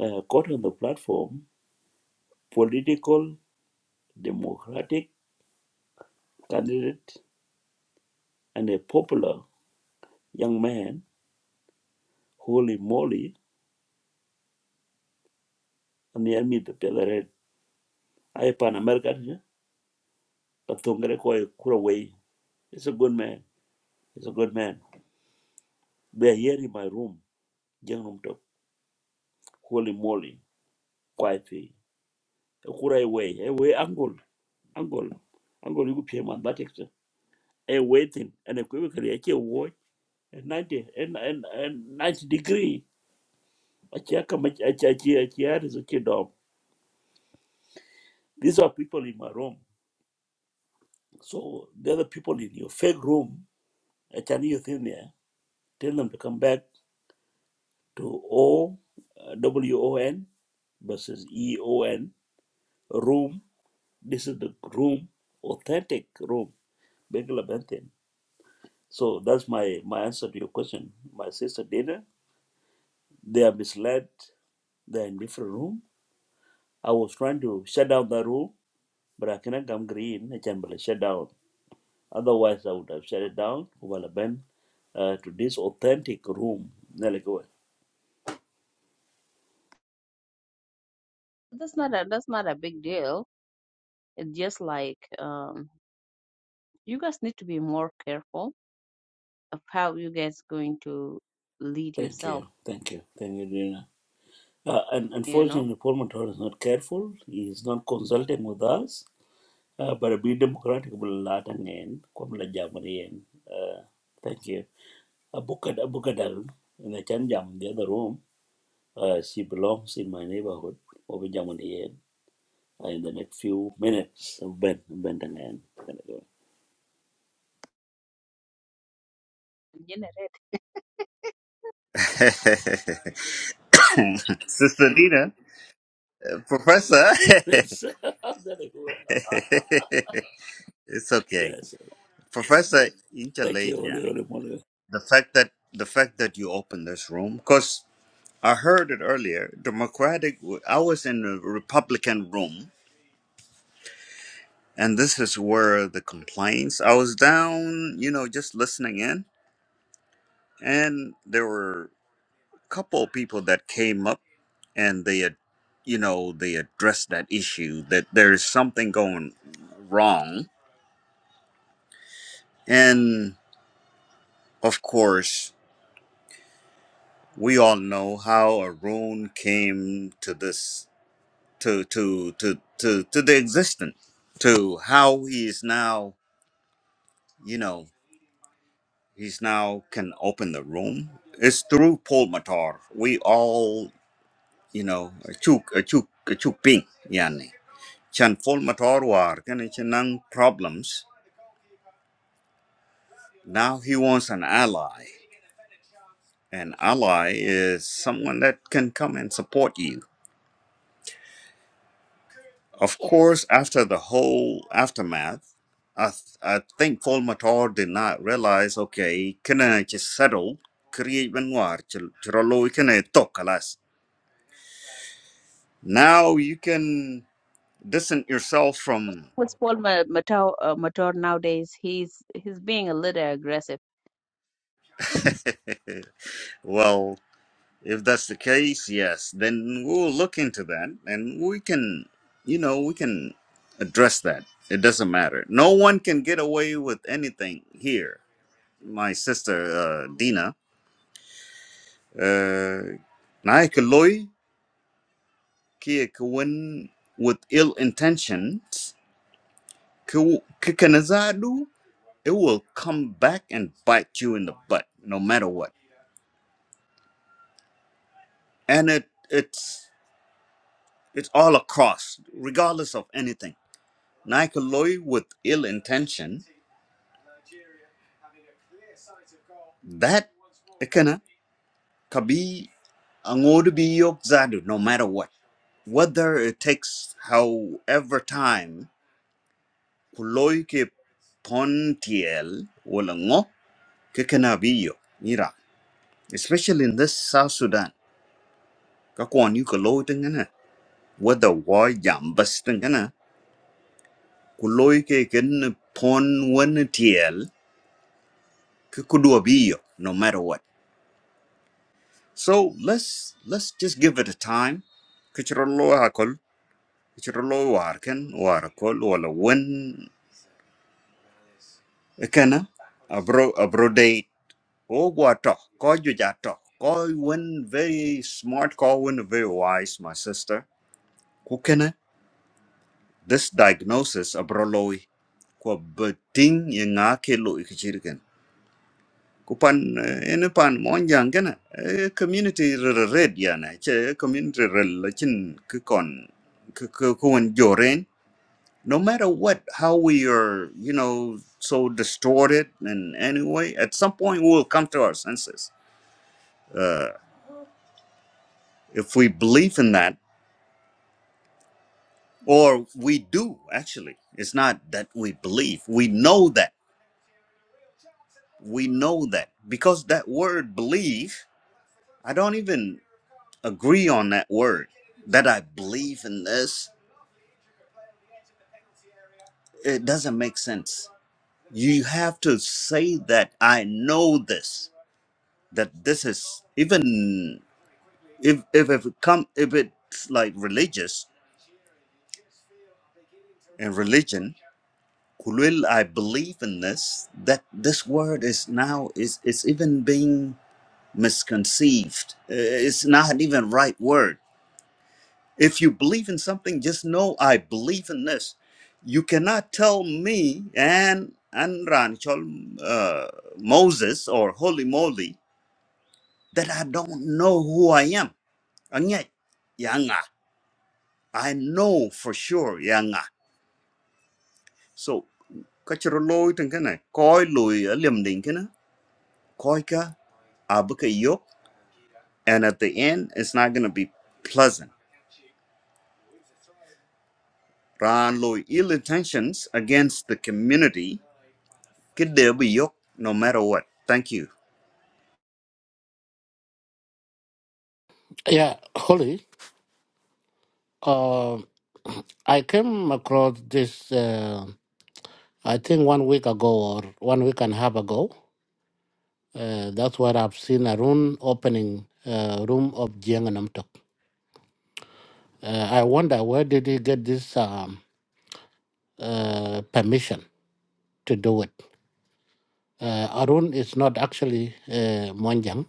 Speaker 2: Uh, caught on the platform, political, democratic candidate, and a popular young man, holy moly, and the army the Pellerin. I pan American, yeah? but Tongare Koi Kuraway. It's a good man. It's a good man. They are here in my room, Jengnam Talk. Holy moly, quietly. Kuraway, away, angle, angle, angle, you pay my batik. a waiting and equivocally a chia watch and ninety and and and ninety degree a chia come a chia chia chia is a chia dog. These are people in my room. So they're the people in your fake room. A Chinese thing there. Tell them to come back to O uh, W O N versus E O N room. This is the room, authentic room. Bengala Bentham. So that's my my answer to your question. My sister Dana. They are misled. They're in different room I was trying to shut down the room, but I cannot come green. I can but shut down. Otherwise, I would have shut it down. Well, Ben, uh, to this authentic room.
Speaker 8: That's not a that's not a big deal. It's just like um you guys need to be more careful of how you guys going to lead
Speaker 2: Thank
Speaker 8: yourself,
Speaker 2: you, thank you, thank you, Dina. Uh, and
Speaker 8: you know.
Speaker 2: unfortunately, Paul Motor is not careful. He is not consulting with us. Uh, but be democratic will lot again. Come la jamari and uh, thank you. Abukad Abukadal in the Chan Jam, the other room. Uh, she belongs in my neighborhood. Over Jamani. in the next few minutes. So Ben, Ben Tangan.
Speaker 8: Generate-
Speaker 4: *laughs* Sister Dina, uh, Professor,
Speaker 2: It's
Speaker 4: *laughs*
Speaker 2: Tangan.
Speaker 4: it's
Speaker 2: *laughs*
Speaker 4: okay.
Speaker 2: yes.
Speaker 4: Professor,
Speaker 2: Thank you, Oli
Speaker 4: intelligent.
Speaker 2: Oli Moli.
Speaker 4: the fact that the fact that you opened this room because i heard it earlier democratic i was in a republican room and this is where the complaints i was down you know just listening in and there were a couple of people that came up and they had you know they addressed that issue that there's something going wrong and of course we all know how Arun came to this to to to to to the existence to how he is now you know he's now can open the room it's through paul matar we all you know a chuk a chuk a chuk ping yani chan paul matar war kana chan problems now he wants an ally an ally is someone that can come and support you Of course, after the whole aftermath, I, th- I think Paul Matar did not realize, okay, can I just settle? Create Benoit, Chirolo, can I talk, alas? Now you can distance yourself
Speaker 8: What's
Speaker 4: from.
Speaker 8: wrong with Paul Ma- Matau uh, Matar nowadays? He's he's being a little aggressive.
Speaker 4: *laughs* well, if that's the case, yes, then we'll look into that and we can, you know, we can address that. It doesn't matter. No one can get away with anything here. My sister, uh, Dina uh, na ke loy with ill intentions ke ke kanazadu it will come back and bite you in the butt no matter what and it it's it's all across regardless of anything na ke loy with ill intention that kana kabi angodu bi yok zadu no matter what whether it takes however time ku ke pon tiel wala ngo ke kana biyo mira especially in this south sudan ka kon yu ko loy tengana whether war jam bas tengana ku ke ken pon wen tiel ke kudwa biyo no matter what so let's let's just give it a time kichiro lo akol kichiro lo war ken war akol wala wen kana abro abro Ogwato, kojujato, koi win very smart, koi win very wise, my sister. Kukene, this diagnosis abroloi, kwa beting yenga kelo ikichiriken. Kupan, eh, ene pan monjang kena, eh, community red ya na, che eh, community rel, chin kikon, kuwan joren. No matter what, how we are, you know, so distorted in any way, at some point we will come to our senses Uh, If we believe in that, or we do actually, it's not that we believe, we know that. We know that because that word believe, I don't even agree on that word that I believe in this. It doesn't make sense. You have to say that I know this, that this is even if if, if it come if it's like religious and religion Kulil, I believe in this, that this word is now is is even being misconceived. Uh, It's not even right word. If you believe in something, just know I believe in this. You cannot tell me and and Ranchol uh, Moses or Holy Moly that I don't know who I am. And yet, Yanga, I know for sure, Yanga. So, kacharoloi tengkana, koi lui liam koika abuka yok and at the end it's not going to be pleasant ran lo ill intentions against the community could there be yok no matter what thank you
Speaker 1: yeah, Holly, uh, I came across this, uh, I think one week ago or one week and a half ago. Uh, that's where I've seen a room opening, uh, room of Jianganamtok. Uh, I wonder where did he get this um, uh, permission to do it? Uh, Arun is not actually uh, Monjang,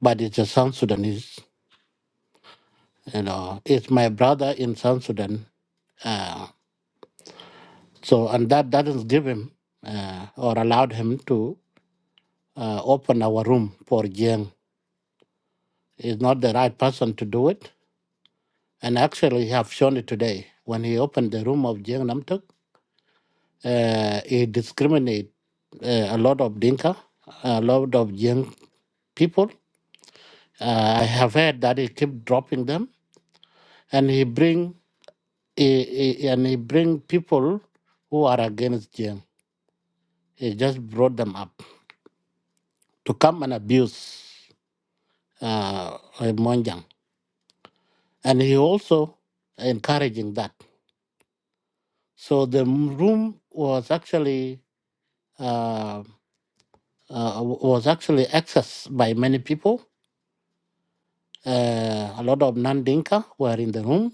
Speaker 1: but it's a South Sudanese. You know, it's my brother in South Sudan. Uh, so, and that doesn't give him uh, or allowed him to uh, open our room for Jiang. He's not the right person to do it. And actually, he have shown it today. When he opened the room of Jiang Namtuk, uh, he discriminate uh, a lot of Dinka, a lot of young people. Uh, I have heard that he keep dropping them, and he bring he, he- and he bring people who are against Jim. He just brought them up. to come and abuse uh, Monjang. And he also encouraging that. So the m- room was actually uh, uh, was actually accessed by many people. Uh, a lot of non-Dinka were in the room,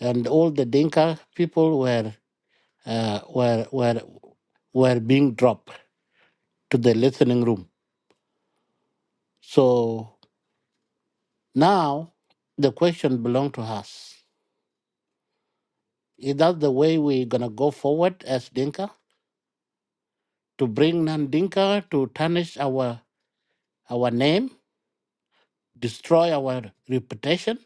Speaker 1: and all the Dinka people were uh, were were were being dropped to the listening room. So now the question belongs to us. Is that the way we're gonna go forward as Dinka? to bring Nandinka to tarnish our our name, destroy our reputation?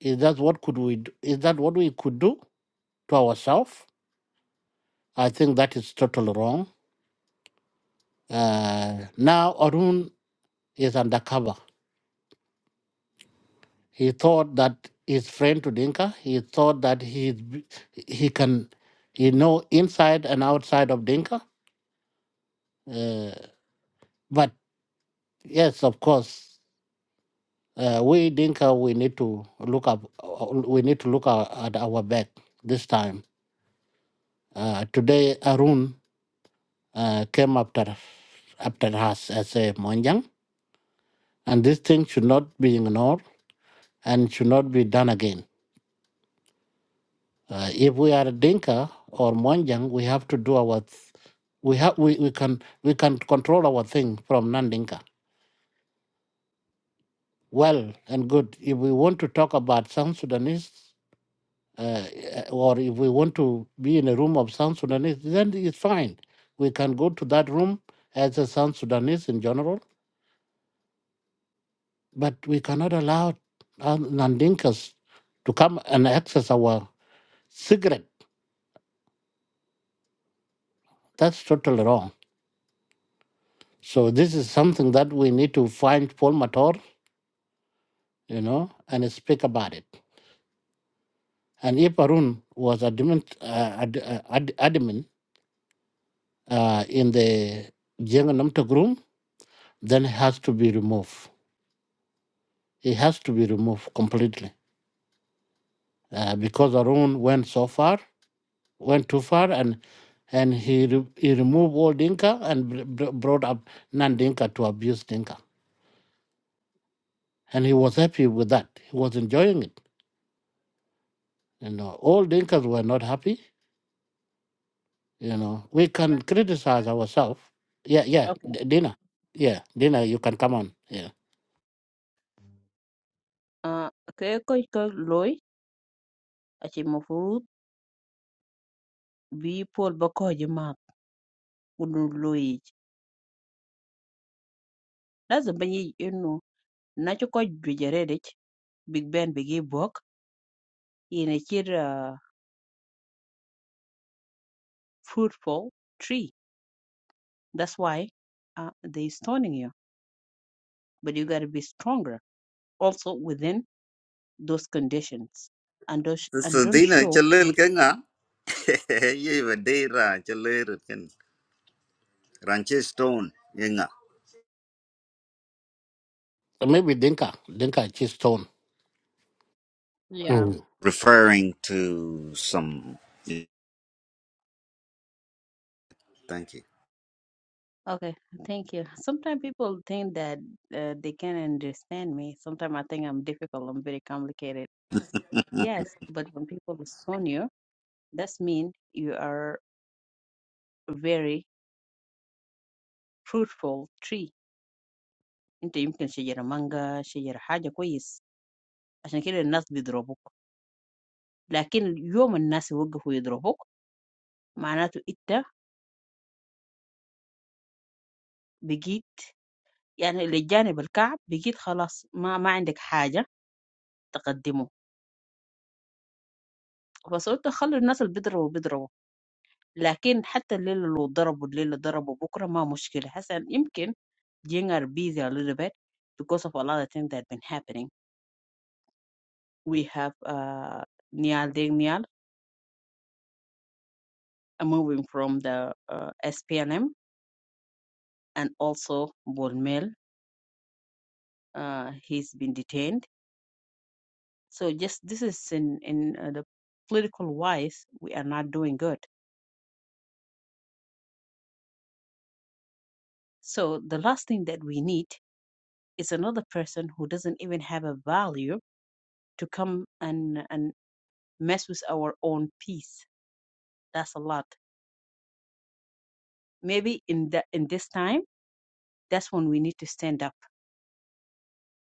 Speaker 1: Is that what could we? Do? Is that what we could do to ourselves? I think that is totally wrong. Uh, now Arun is undercover. He thought that he's friend to Dinka. He thought that he he can he know inside and outside of Dinka. Uh, but yes, of course. Uh, we Dinka, we need to look up. uh, We need to look our, at our back this time. Uh, today, Arun uh, came after after us as a Monjang, and this thing should not be ignored and should not be done again. Uh, if we are Dinka or Monjang, we have to do our. Th- we have we, we can we can control our thing from non-Dinka. Well and good. If we want to talk about South Sudanese uh, or if we want to be in a room of South Sudanese, then it's fine. We can go to that room as a South Sudanese in general, but we cannot allow uh, Nandinkas to come and access our cigarette. That's totally wrong. So this is something that we need to find Paul Mator, you know, and speak about it. And if Arun was adamant, uh, ad, uh, ad, adamant uh, in the Jenga Namtok room, then it has to be removed. It has to be removed completely uh, because Arun went so far, went too far, and and he re- he removed all Dinka and br- br- brought up non-Dinka to abuse Dinka, and he was happy with that. He was enjoying it. You know, all Dinkas were not happy. You know, we can criticize ourselves. Yeah, yeah,
Speaker 8: Okay.
Speaker 1: D- Dina. Yeah, Dina, you can come on. Yeah,
Speaker 8: Uh ke ko ko loy achi mafurut bi Paul Bakoji ma kunu loyi. Lazim banyi Nacu köc jwëjërë rëc Big Ben bï k'Ibwök in a kid uh, fruitful tree. That's why uh, they stoning you. But you got to be stronger also within those conditions and don't, and
Speaker 4: so
Speaker 8: don't
Speaker 4: dina
Speaker 8: show
Speaker 4: chalil
Speaker 8: weakness.
Speaker 4: kenga *laughs* ye ba de ra chalil ken ranche stone yenga
Speaker 1: so maybe Dinka, Dinka is stone.
Speaker 8: Yeah.
Speaker 4: referring to some thank you
Speaker 8: Okay, thank you. Sometimes people think that uh, they can understand me. Sometimes I think I'm difficult. I'm very complicated.
Speaker 4: *laughs*
Speaker 8: Yes, but when people stone you, that's mean you are a very fruitful tree انت يمكن شجرة مانجا شجرة حاجة كويس عشان كده الناس بيضربوك لكن يوم الناس يوقفوا يضربوك معناته انت بقيت يعني للجانب الكعب بقيت خلاص ما ما عندك حاجة تقدمه فصرت خلوا الناس اللي بيضربوا بيضربوا لكن حتى اللي لو ضربوا اللي اللي ضربوا بكرة ما مشكلة حسن يمكن being are busy a little bit because of a lot of things that been happening. We have uh, Nial Ding Nial uh, moving from the uh, SPNM. and also Bolmel. Uh, he's been detained. So just this is in in uh, the political wise, we are not doing good. So the last thing that we need is another person who doesn't even have a value to come and and mess with our own peace. That's a lot. Maybe in the in this time, that's when we need to stand up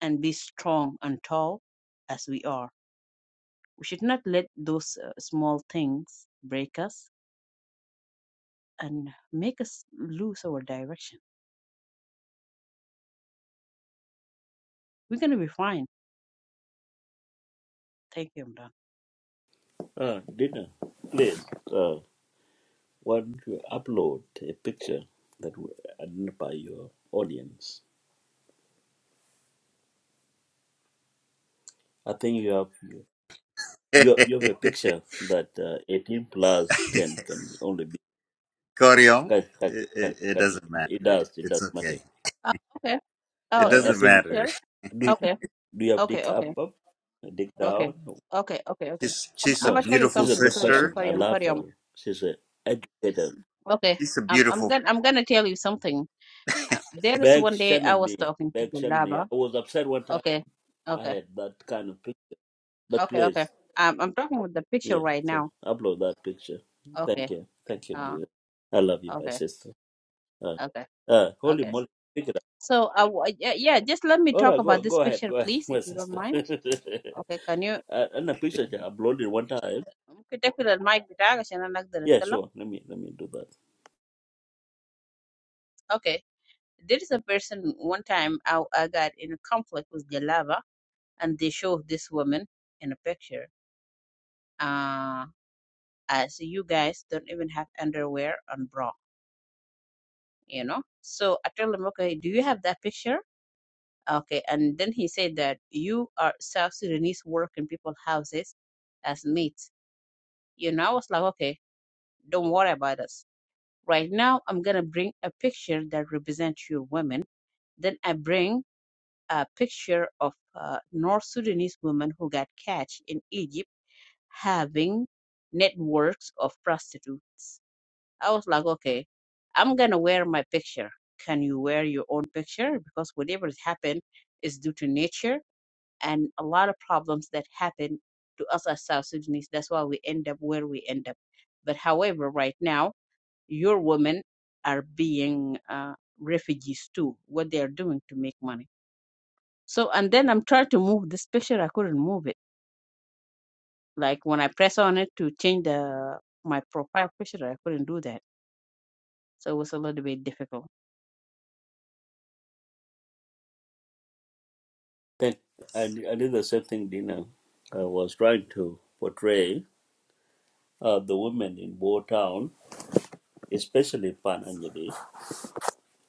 Speaker 8: and be strong and tall as we are. We should not let those uh, small things break us and make us lose our direction. We're gonna be fine. Thank you, Imran.
Speaker 2: Uh, Dina, please, uh, why you upload a picture that will identify your audience? I think you have you have, you have a picture that uh, 18 plus can can only be
Speaker 4: Koryong,
Speaker 2: can, can,
Speaker 4: it, it,
Speaker 2: can,
Speaker 4: it
Speaker 2: can,
Speaker 4: doesn't
Speaker 2: it
Speaker 4: matter.
Speaker 2: does it
Speaker 4: It's
Speaker 2: does matter.
Speaker 4: okay.
Speaker 8: Oh, okay.
Speaker 4: It
Speaker 8: Oh,
Speaker 2: Uh, I
Speaker 4: doesn't
Speaker 8: this
Speaker 2: think uh,
Speaker 4: matter.
Speaker 8: picture.
Speaker 2: do you,
Speaker 8: Okay.
Speaker 2: do you have
Speaker 8: Okay.
Speaker 2: dig up
Speaker 8: Okay.
Speaker 2: up dig
Speaker 8: Okay.
Speaker 2: down?
Speaker 8: Okay. Okay. Okay.
Speaker 4: She's
Speaker 8: I'm,
Speaker 4: she's a
Speaker 8: I'm
Speaker 2: No,
Speaker 8: gonna tell
Speaker 2: she's,
Speaker 8: you
Speaker 4: beautiful
Speaker 2: she's a
Speaker 8: something.
Speaker 2: good
Speaker 8: Koryam,
Speaker 2: person.
Speaker 4: sister.
Speaker 2: I
Speaker 8: Koryam,
Speaker 2: love
Speaker 8: Koryam.
Speaker 2: her. She's a educator.
Speaker 8: Okay.
Speaker 4: She's a
Speaker 8: I'm, I'm
Speaker 4: beautiful.
Speaker 8: gonna, I'm gonna tell you something. Uh, there is
Speaker 2: Beg
Speaker 8: one day I
Speaker 2: Shannon
Speaker 8: was
Speaker 2: me.
Speaker 8: talking to
Speaker 2: Beg Shannon me.
Speaker 8: Julaba.
Speaker 2: I was upset one time
Speaker 8: Okay.
Speaker 2: I
Speaker 8: Okay.
Speaker 2: had that kind of picture. That
Speaker 8: Okay. Okay.
Speaker 2: place.
Speaker 8: Um, I'm talking with the picture
Speaker 2: Yeah,
Speaker 8: right
Speaker 2: so
Speaker 8: now.
Speaker 2: upload that picture.
Speaker 8: Okay.
Speaker 2: Thank you. Thank you,
Speaker 8: Uh.
Speaker 2: dear. I love you, my
Speaker 8: Okay.
Speaker 2: sister. Uh,
Speaker 8: Okay.
Speaker 2: uh, holy
Speaker 8: Okay.
Speaker 2: moly. Pick it up.
Speaker 8: So, uh, w- yeah, yeah, just let me
Speaker 2: All
Speaker 8: talk
Speaker 2: right,
Speaker 8: about
Speaker 2: go
Speaker 8: this
Speaker 2: go ahead.
Speaker 8: picture,
Speaker 2: Go ahead,
Speaker 8: please,
Speaker 2: *laughs*
Speaker 8: if
Speaker 2: my
Speaker 8: you don't
Speaker 2: sister. *laughs*
Speaker 8: mind. Okay. Can you?
Speaker 2: uh, and the picture I uploaded one time.
Speaker 8: ممكن تقفل المايك بتاعك عشان انا اقدر
Speaker 2: Yeah,
Speaker 8: اتكلم
Speaker 2: sure. Let me let me do that.
Speaker 8: okay there is a person one time I, I got in a conflict with Jalaba and they showed this woman in a picture uh as you guys don't even have underwear and bra you know so I told him okay do you have that picture okay and then he said that you are South Sudanese work in people's houses as mates you know I was like okay don't worry about us right now I'm gonna bring a picture that represents your women then I bring a picture of a North Sudanese woman who got catch in Egypt having networks of prostitutes. I was like, okay, I'm gonna wear my picture. Can you wear your own picture? Because whatever has happened is due to nature and a lot of problems that happen to us as South Sudanese. That's why we end up where we end up. But however, right now, your women are being uh, refugees too, what they are doing to make money so and then I'm trying to move this picture, I couldn't move it. Like when I press on it to change the my profile picture, I couldn't do that. So it was a little bit difficult.
Speaker 2: Thank. I, I did the same thing, Dina. I was trying to portray. uh, the women in Bo Town, especially Pananjali,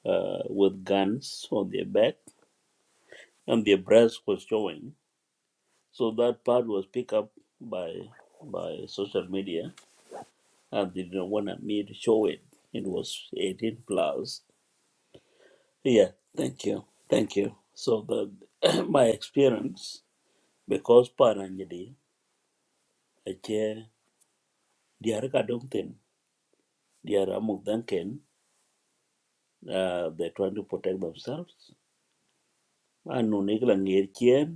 Speaker 2: uh, with guns on their back and their breasts was showing. So that part was picked up by by social media and they didn't want me to show it. It was 18 plus. Yeah, thank you. Thank you. So the *clears throat* my experience, because Pananjali, I chair the Arka Dongten, the Aramuk Duncan, uh, they're trying to protect themselves. And no Nikla Ngirchen,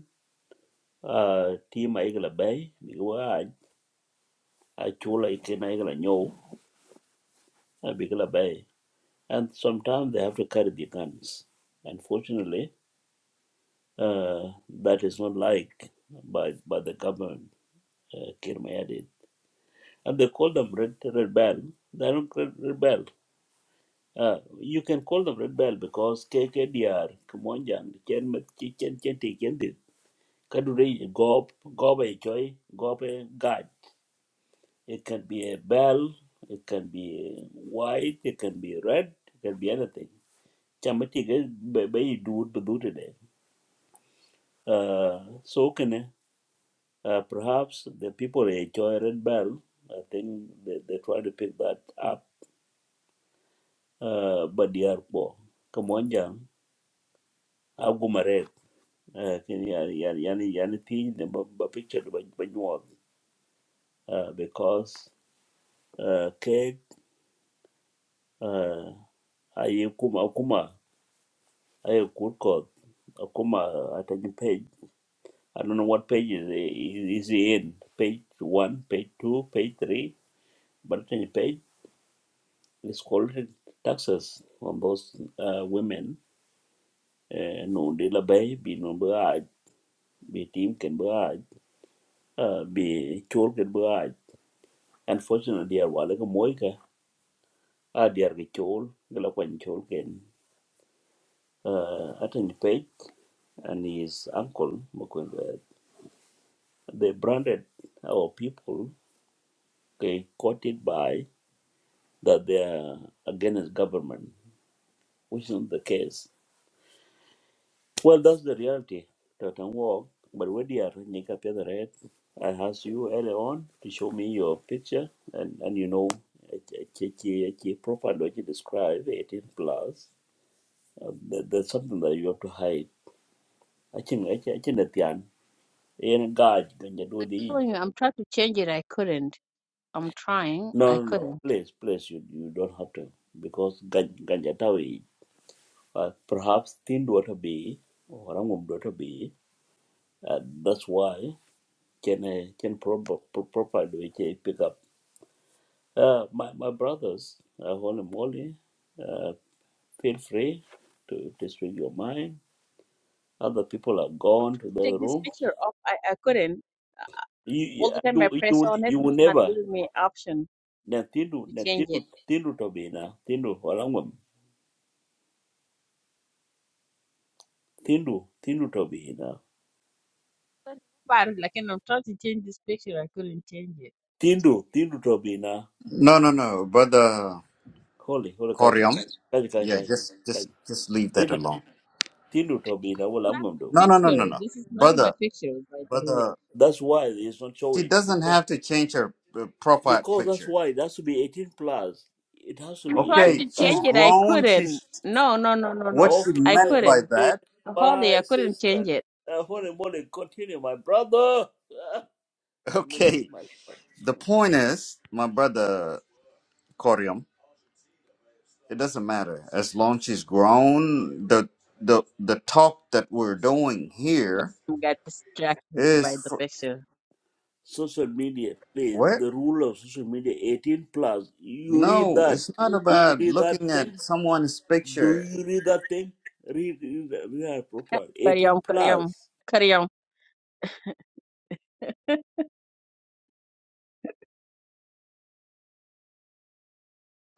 Speaker 2: uh, team, ma igla bay because a chula ikena igla nyo a bigla bay and sometimes they have to carry the guns unfortunately uh, that is not liked by by the government uh, Kirmayadid. and they call them red red bell. they are not red bell. uh, you can call them red bell because KKDR, Kumonjang, Chen Chen Chen Chen Chen did. Kadure Gob Gob a Choi Gob It can be a bell, it can be white, it can be red, it can be anything. Chamati guys by do it today. Uh so can uh, perhaps the people enjoy red bell. I think they, they try to pick that up. Uh but they are poor. Come on jam. I'll go my red. Uh can you- yani yani yani thing the ba ba picture ba ba nyuwa. Uh because uh cake uh ayi kuma kuma I could call Akuma at any page. I don't know what page is, is he in. Page one, page two, page three, but any page is called taxes on those uh, women. Uh, no de la bay be no barrage, be team can barrage, uh, be chol can barrage. Unfortunately, I was like a moika. Ah, dear, the chol, the lakwan chol can. Uh, at any page and his uncle, Makwendwe, they branded our people okay, quoted by that they are against government, which is not the case. Well, that's the reality. That can walk, but when you are Nika Red, I asked you earlier on to show me your picture, and, and you know, a profile that you describe, 18 plus, uh, there- there's something that you have to hide. I think, I think, I think that the and God, can do
Speaker 8: I'm
Speaker 2: the
Speaker 8: Telling you, I'm trying to change it, I couldn't. I'm trying, I
Speaker 2: no, no, no.
Speaker 8: couldn't.
Speaker 2: Please, please, you, you don't have to because ganja uh, perhaps thin daughter B or Rangum daughter B. Uh, that's why can I can proper properly pick up. Uh, my my brothers, uh, holy moly, uh, feel free to, to speak your mind. Other people are gone to
Speaker 8: Take
Speaker 2: their
Speaker 8: this
Speaker 2: rooms.
Speaker 8: picture off, I, I couldn't. Uh,
Speaker 2: You you
Speaker 8: All the time
Speaker 2: you,
Speaker 8: I
Speaker 2: you
Speaker 8: press
Speaker 2: will
Speaker 8: on it,
Speaker 2: you will
Speaker 8: it's not
Speaker 2: never
Speaker 8: giving me option
Speaker 2: na tindu
Speaker 8: to
Speaker 2: na
Speaker 8: change
Speaker 2: tindu
Speaker 8: it.
Speaker 2: tindu tobina tindu orangum tindu tindu tobina
Speaker 8: But but, like and I'm trying to change this picture, I couldn't change it.
Speaker 2: tindu tindu tobina
Speaker 4: No, no, no, brother
Speaker 2: holy holy kaja
Speaker 4: Koryam.
Speaker 2: kaja kaja
Speaker 4: Yeah,
Speaker 2: kaja
Speaker 4: just, just, just leave that
Speaker 2: kaja
Speaker 4: alone.
Speaker 2: Tindu to be the whole
Speaker 8: Not
Speaker 2: I'm do.
Speaker 8: my
Speaker 4: No, no, no,
Speaker 8: picture.
Speaker 4: no, no,
Speaker 8: This is not my
Speaker 4: brother,
Speaker 8: picture, by the way.
Speaker 4: brother.
Speaker 2: That's why it's not
Speaker 4: She
Speaker 2: showing
Speaker 4: doesn't
Speaker 2: because
Speaker 4: have to change her uh, profile
Speaker 2: because that's
Speaker 4: picture.
Speaker 2: why it has to be 18 plus. It has to be
Speaker 8: tried
Speaker 2: 18
Speaker 8: to
Speaker 4: Okay, she's
Speaker 8: change
Speaker 2: plus.
Speaker 8: it. I
Speaker 4: grown.
Speaker 8: couldn't.
Speaker 4: She's
Speaker 8: No, no, no, no, no.
Speaker 4: what she
Speaker 8: I
Speaker 4: meant
Speaker 2: Okay,
Speaker 4: by
Speaker 8: couldn't.
Speaker 2: please,
Speaker 4: that.
Speaker 8: Holy,
Speaker 2: my
Speaker 8: I couldn't
Speaker 2: sister.
Speaker 8: change it.
Speaker 2: Uh, holy moly, continue, my brother. *laughs* Ah,
Speaker 4: *laughs*
Speaker 2: I'm going to
Speaker 4: Okay,
Speaker 2: meet myself.
Speaker 4: the point is, my brother Koryam. It doesn't matter as long she's grown. The the the talk that we're doing here
Speaker 8: I got distracted
Speaker 4: is
Speaker 8: by the
Speaker 4: for
Speaker 8: picture.
Speaker 2: Social media, please.
Speaker 4: what?
Speaker 2: The rule of social media, 18 plus. You read
Speaker 4: No,
Speaker 2: that.
Speaker 4: it's not
Speaker 2: Do you
Speaker 4: about
Speaker 2: read that
Speaker 4: looking at
Speaker 2: thing?
Speaker 4: someone's
Speaker 2: Do
Speaker 4: picture.
Speaker 2: you read that thing? Read, read, read that proper.
Speaker 8: Karyam,
Speaker 2: 18
Speaker 8: Karyam,
Speaker 2: plus.
Speaker 8: Karyam.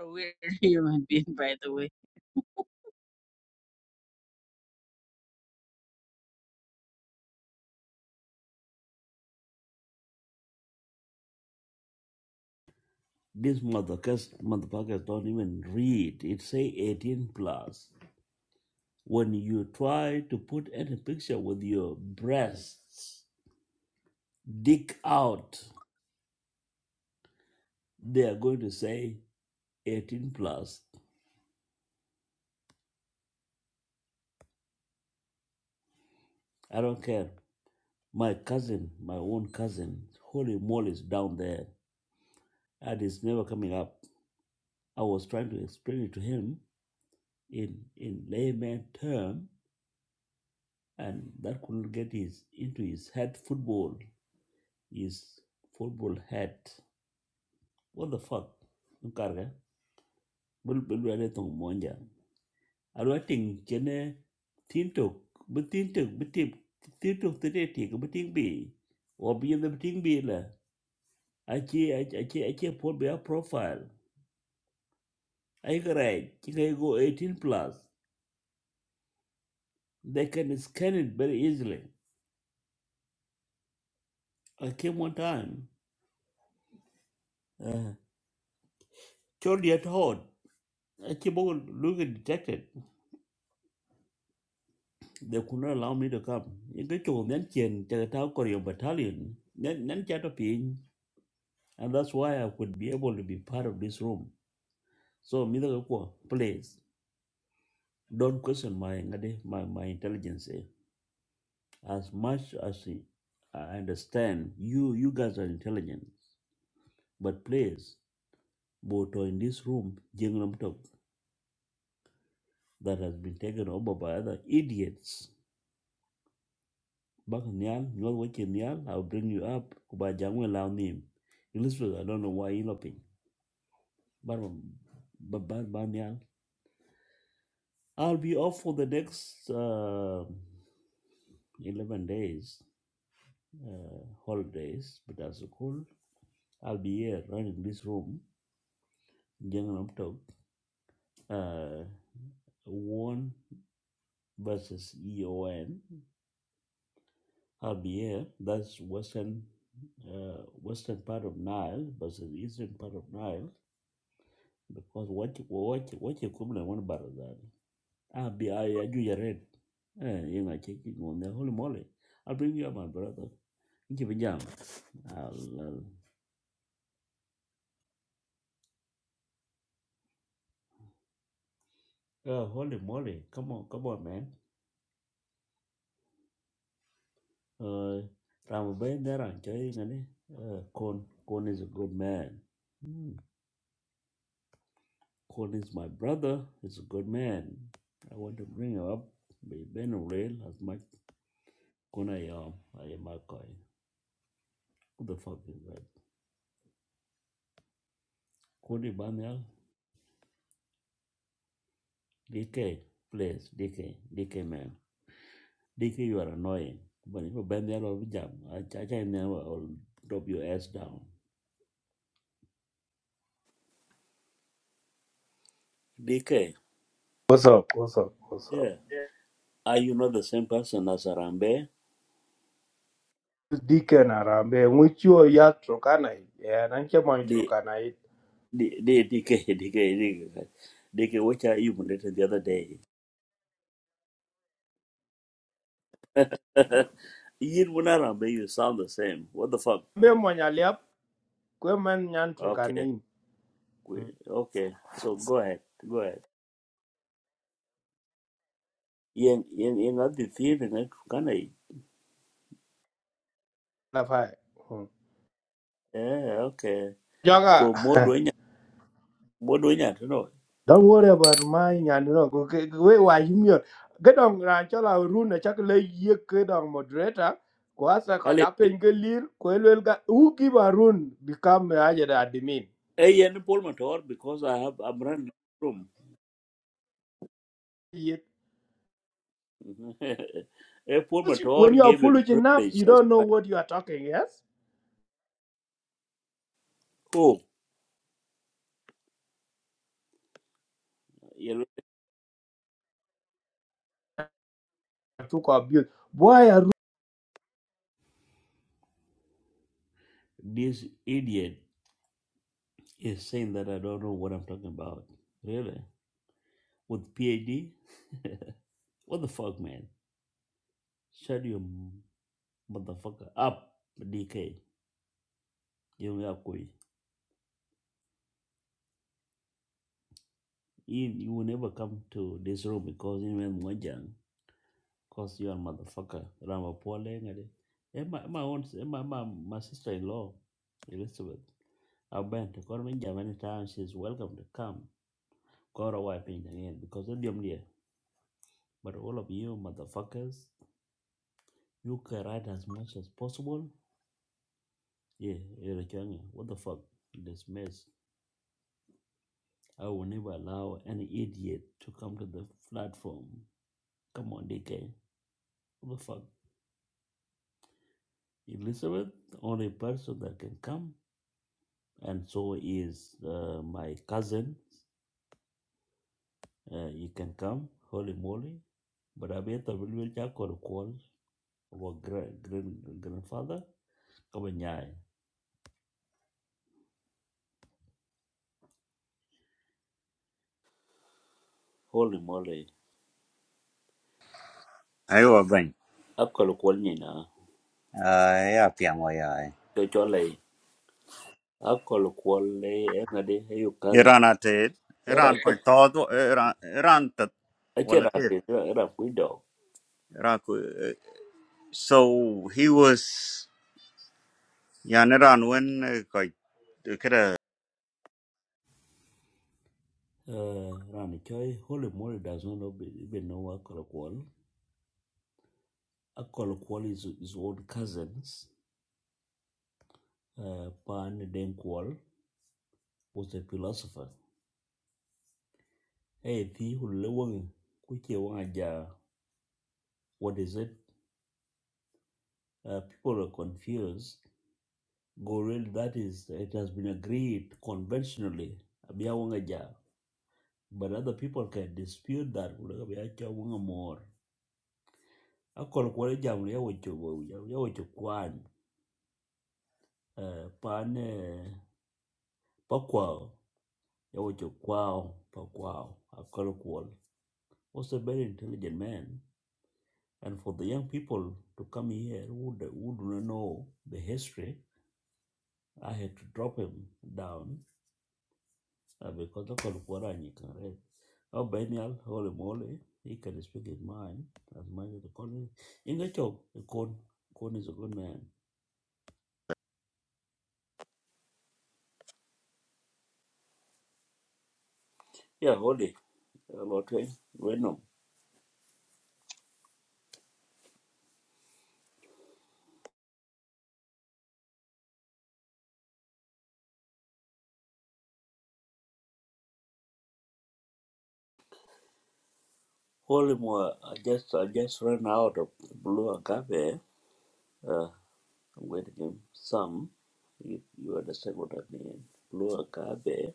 Speaker 8: A weird *laughs* human being, by the way.
Speaker 2: These motherfuckers, motherfuckers don't even read. It say 18 plus. When you try to put any picture with your breasts dick out, they are going to say 18 plus. I don't care. My cousin, my own cousin, holy moly is down there and it's never coming up. I was trying to explain it to him in in layman term, and that couldn't get his into his head. Football, his football head. What the fuck? Nkarga. Bul bul wale tong monja. Alwa ting chene tintok. But tintok bitip. Tintok today tik biting be. Or be the biting be la. Achi achi achi put be a profile. I right. Chika go 18 plus. They can scan it very easily. I came one time. Uh, Chordy at home. I bogo look looking, detected they could not allow me to come. You get to then chain to the Tao Korean battalion, then then chat up in. And that's why I could be able to be part of this room. So, Mr. Kakwa, please don't question my, ngade- my, my intelligence. eh. As much as I I understand, you you guys are intelligent. But please, Boto in this room, Jengnam Tok, that has been taken over by other idiots. Back Nyal, Nyal Wachi Nyal, I'll bring you up. Kuba Jangwe Lao Nim. Elizabeth, I don't know why you're loping. But, but, but, but Nyal. I'll be off for the next. Uh, 11 days uh, holidays but as a cool i'll be here running this room Gangnam talk uh one versus E O will be here that's western uh, western part of nile versus eastern part of nile because what what what you come one bar that i'll be i i do your red eh you know checking on the holy moly i'll bring you up my brother Inchi pajama. Ờ, holy moly, come on, come on, man. Uh, I'm been there and enjoying it. Uh, Con, Con is a good man. Mm. Con is my brother. He's a good man. I want to bring him up, be Ben real as much. Con I am, I am a coin. Who the fuck is that? Cody Banyal, DK, please, DK, DK man. DK, you are annoying. But if you been there, I'll be jam. I, I, I will drop your ass down. DK,
Speaker 9: What's up? What's up? What's up?
Speaker 2: Are you not the same person as Arambe?
Speaker 9: This Deacon Arambe, which you are yat Turkana, and I'm going to
Speaker 2: The
Speaker 9: Turkana.
Speaker 2: the the DK DK DK DK which I even written the other day. *laughs* you and Arambe, you sound the same. What the fuck?
Speaker 9: Be Monyaliap, Queman Yan
Speaker 2: Okay,
Speaker 9: Turkani.
Speaker 2: we- okay. So go ahead, go ahead. Yen yen yen at the theater can I?
Speaker 9: Lafai.
Speaker 2: Yeah, okay. Go more
Speaker 9: Jaga.
Speaker 2: doing more doing it. you know.
Speaker 9: *laughs* Don't worry about mine and no, wait, why you mean? Get on Ranchola Runa, Chakle, ye kid on moderator. Kwasa
Speaker 2: I live.
Speaker 9: Kajapin Galir, Kwelga, who give a run become a Ajada admin.
Speaker 2: Hey, yen Paul Mator because I have I'm running out of
Speaker 9: Ye-
Speaker 2: room. *laughs* hey, Paul
Speaker 9: When
Speaker 2: Mator
Speaker 9: you are
Speaker 2: gave him
Speaker 9: foolish enough,
Speaker 2: privilege
Speaker 9: you
Speaker 2: as
Speaker 9: don't know
Speaker 2: my
Speaker 9: what you are talking, yes?
Speaker 2: who?
Speaker 9: took our build. Boy,
Speaker 2: This idiot is saying that I don't know what I'm talking about. Really? With PhD? *laughs* what the fuck, man? Shut your motherfucker up, DK. You You, will never come to this room because you mean Mwanjang. Because you are a motherfucker. Ramapole. ngade. Eh, My, my own eh, my, my, my sister in law, Elizabeth. I've been to Korman many times. She's welcome to come. Koro wiping again because of the But all of you motherfuckers, you can write as much as possible. Yeah, Erechange, what the fuck? This mess. I will never allow any idiot to come to the platform. Come on, DK. What the fuck? Elizabeth, the only person that can come, and so is uh, my cousin. Uh, you can come, holy moly. But I bet I will check call our great grandfather. Come on, yeah. Holy moly.
Speaker 4: Ayo bany.
Speaker 2: I've call Akol kwal
Speaker 4: Ay apiamo yai.
Speaker 2: nyina. akol kwöl ënë ëyü kazë
Speaker 4: Iran atid.
Speaker 2: ëra
Speaker 4: Iran kwa todo Iran Iran tat
Speaker 2: acël
Speaker 4: wala kif.
Speaker 2: athïn ëra kwï dö
Speaker 4: Iran ku- eh, so he was yan Iran when kwa.
Speaker 2: rani cöi holy moly does not know, even know akol kwöl akol kwöl is his old cousins uh, pan den kwöl was a philosopher Hey, the wonge kuce wonge aja what is it uh, people are confused Goril, that is, it has been agreed conventionally. Abia wonga ja, but other people can dispute that. Abia cha wonga more. akol kuɔl jam ya wo chobo ya wo chokwan pan pakwao ya wo chokwao pakwao akol kuɔl was a very intelligent man and for the young people to come here who, do- who do not know the history i had to drop him down uh, because akol kuɔl anyi kan read oh benial holy moly he can speak his mind as much as the calling inga chok kon kon is a good man yeah holy uh, lord Holy mo- I just I just ran out of blue agave. Uh, I'm going to give some. You, you understand what I mean? Blue agave.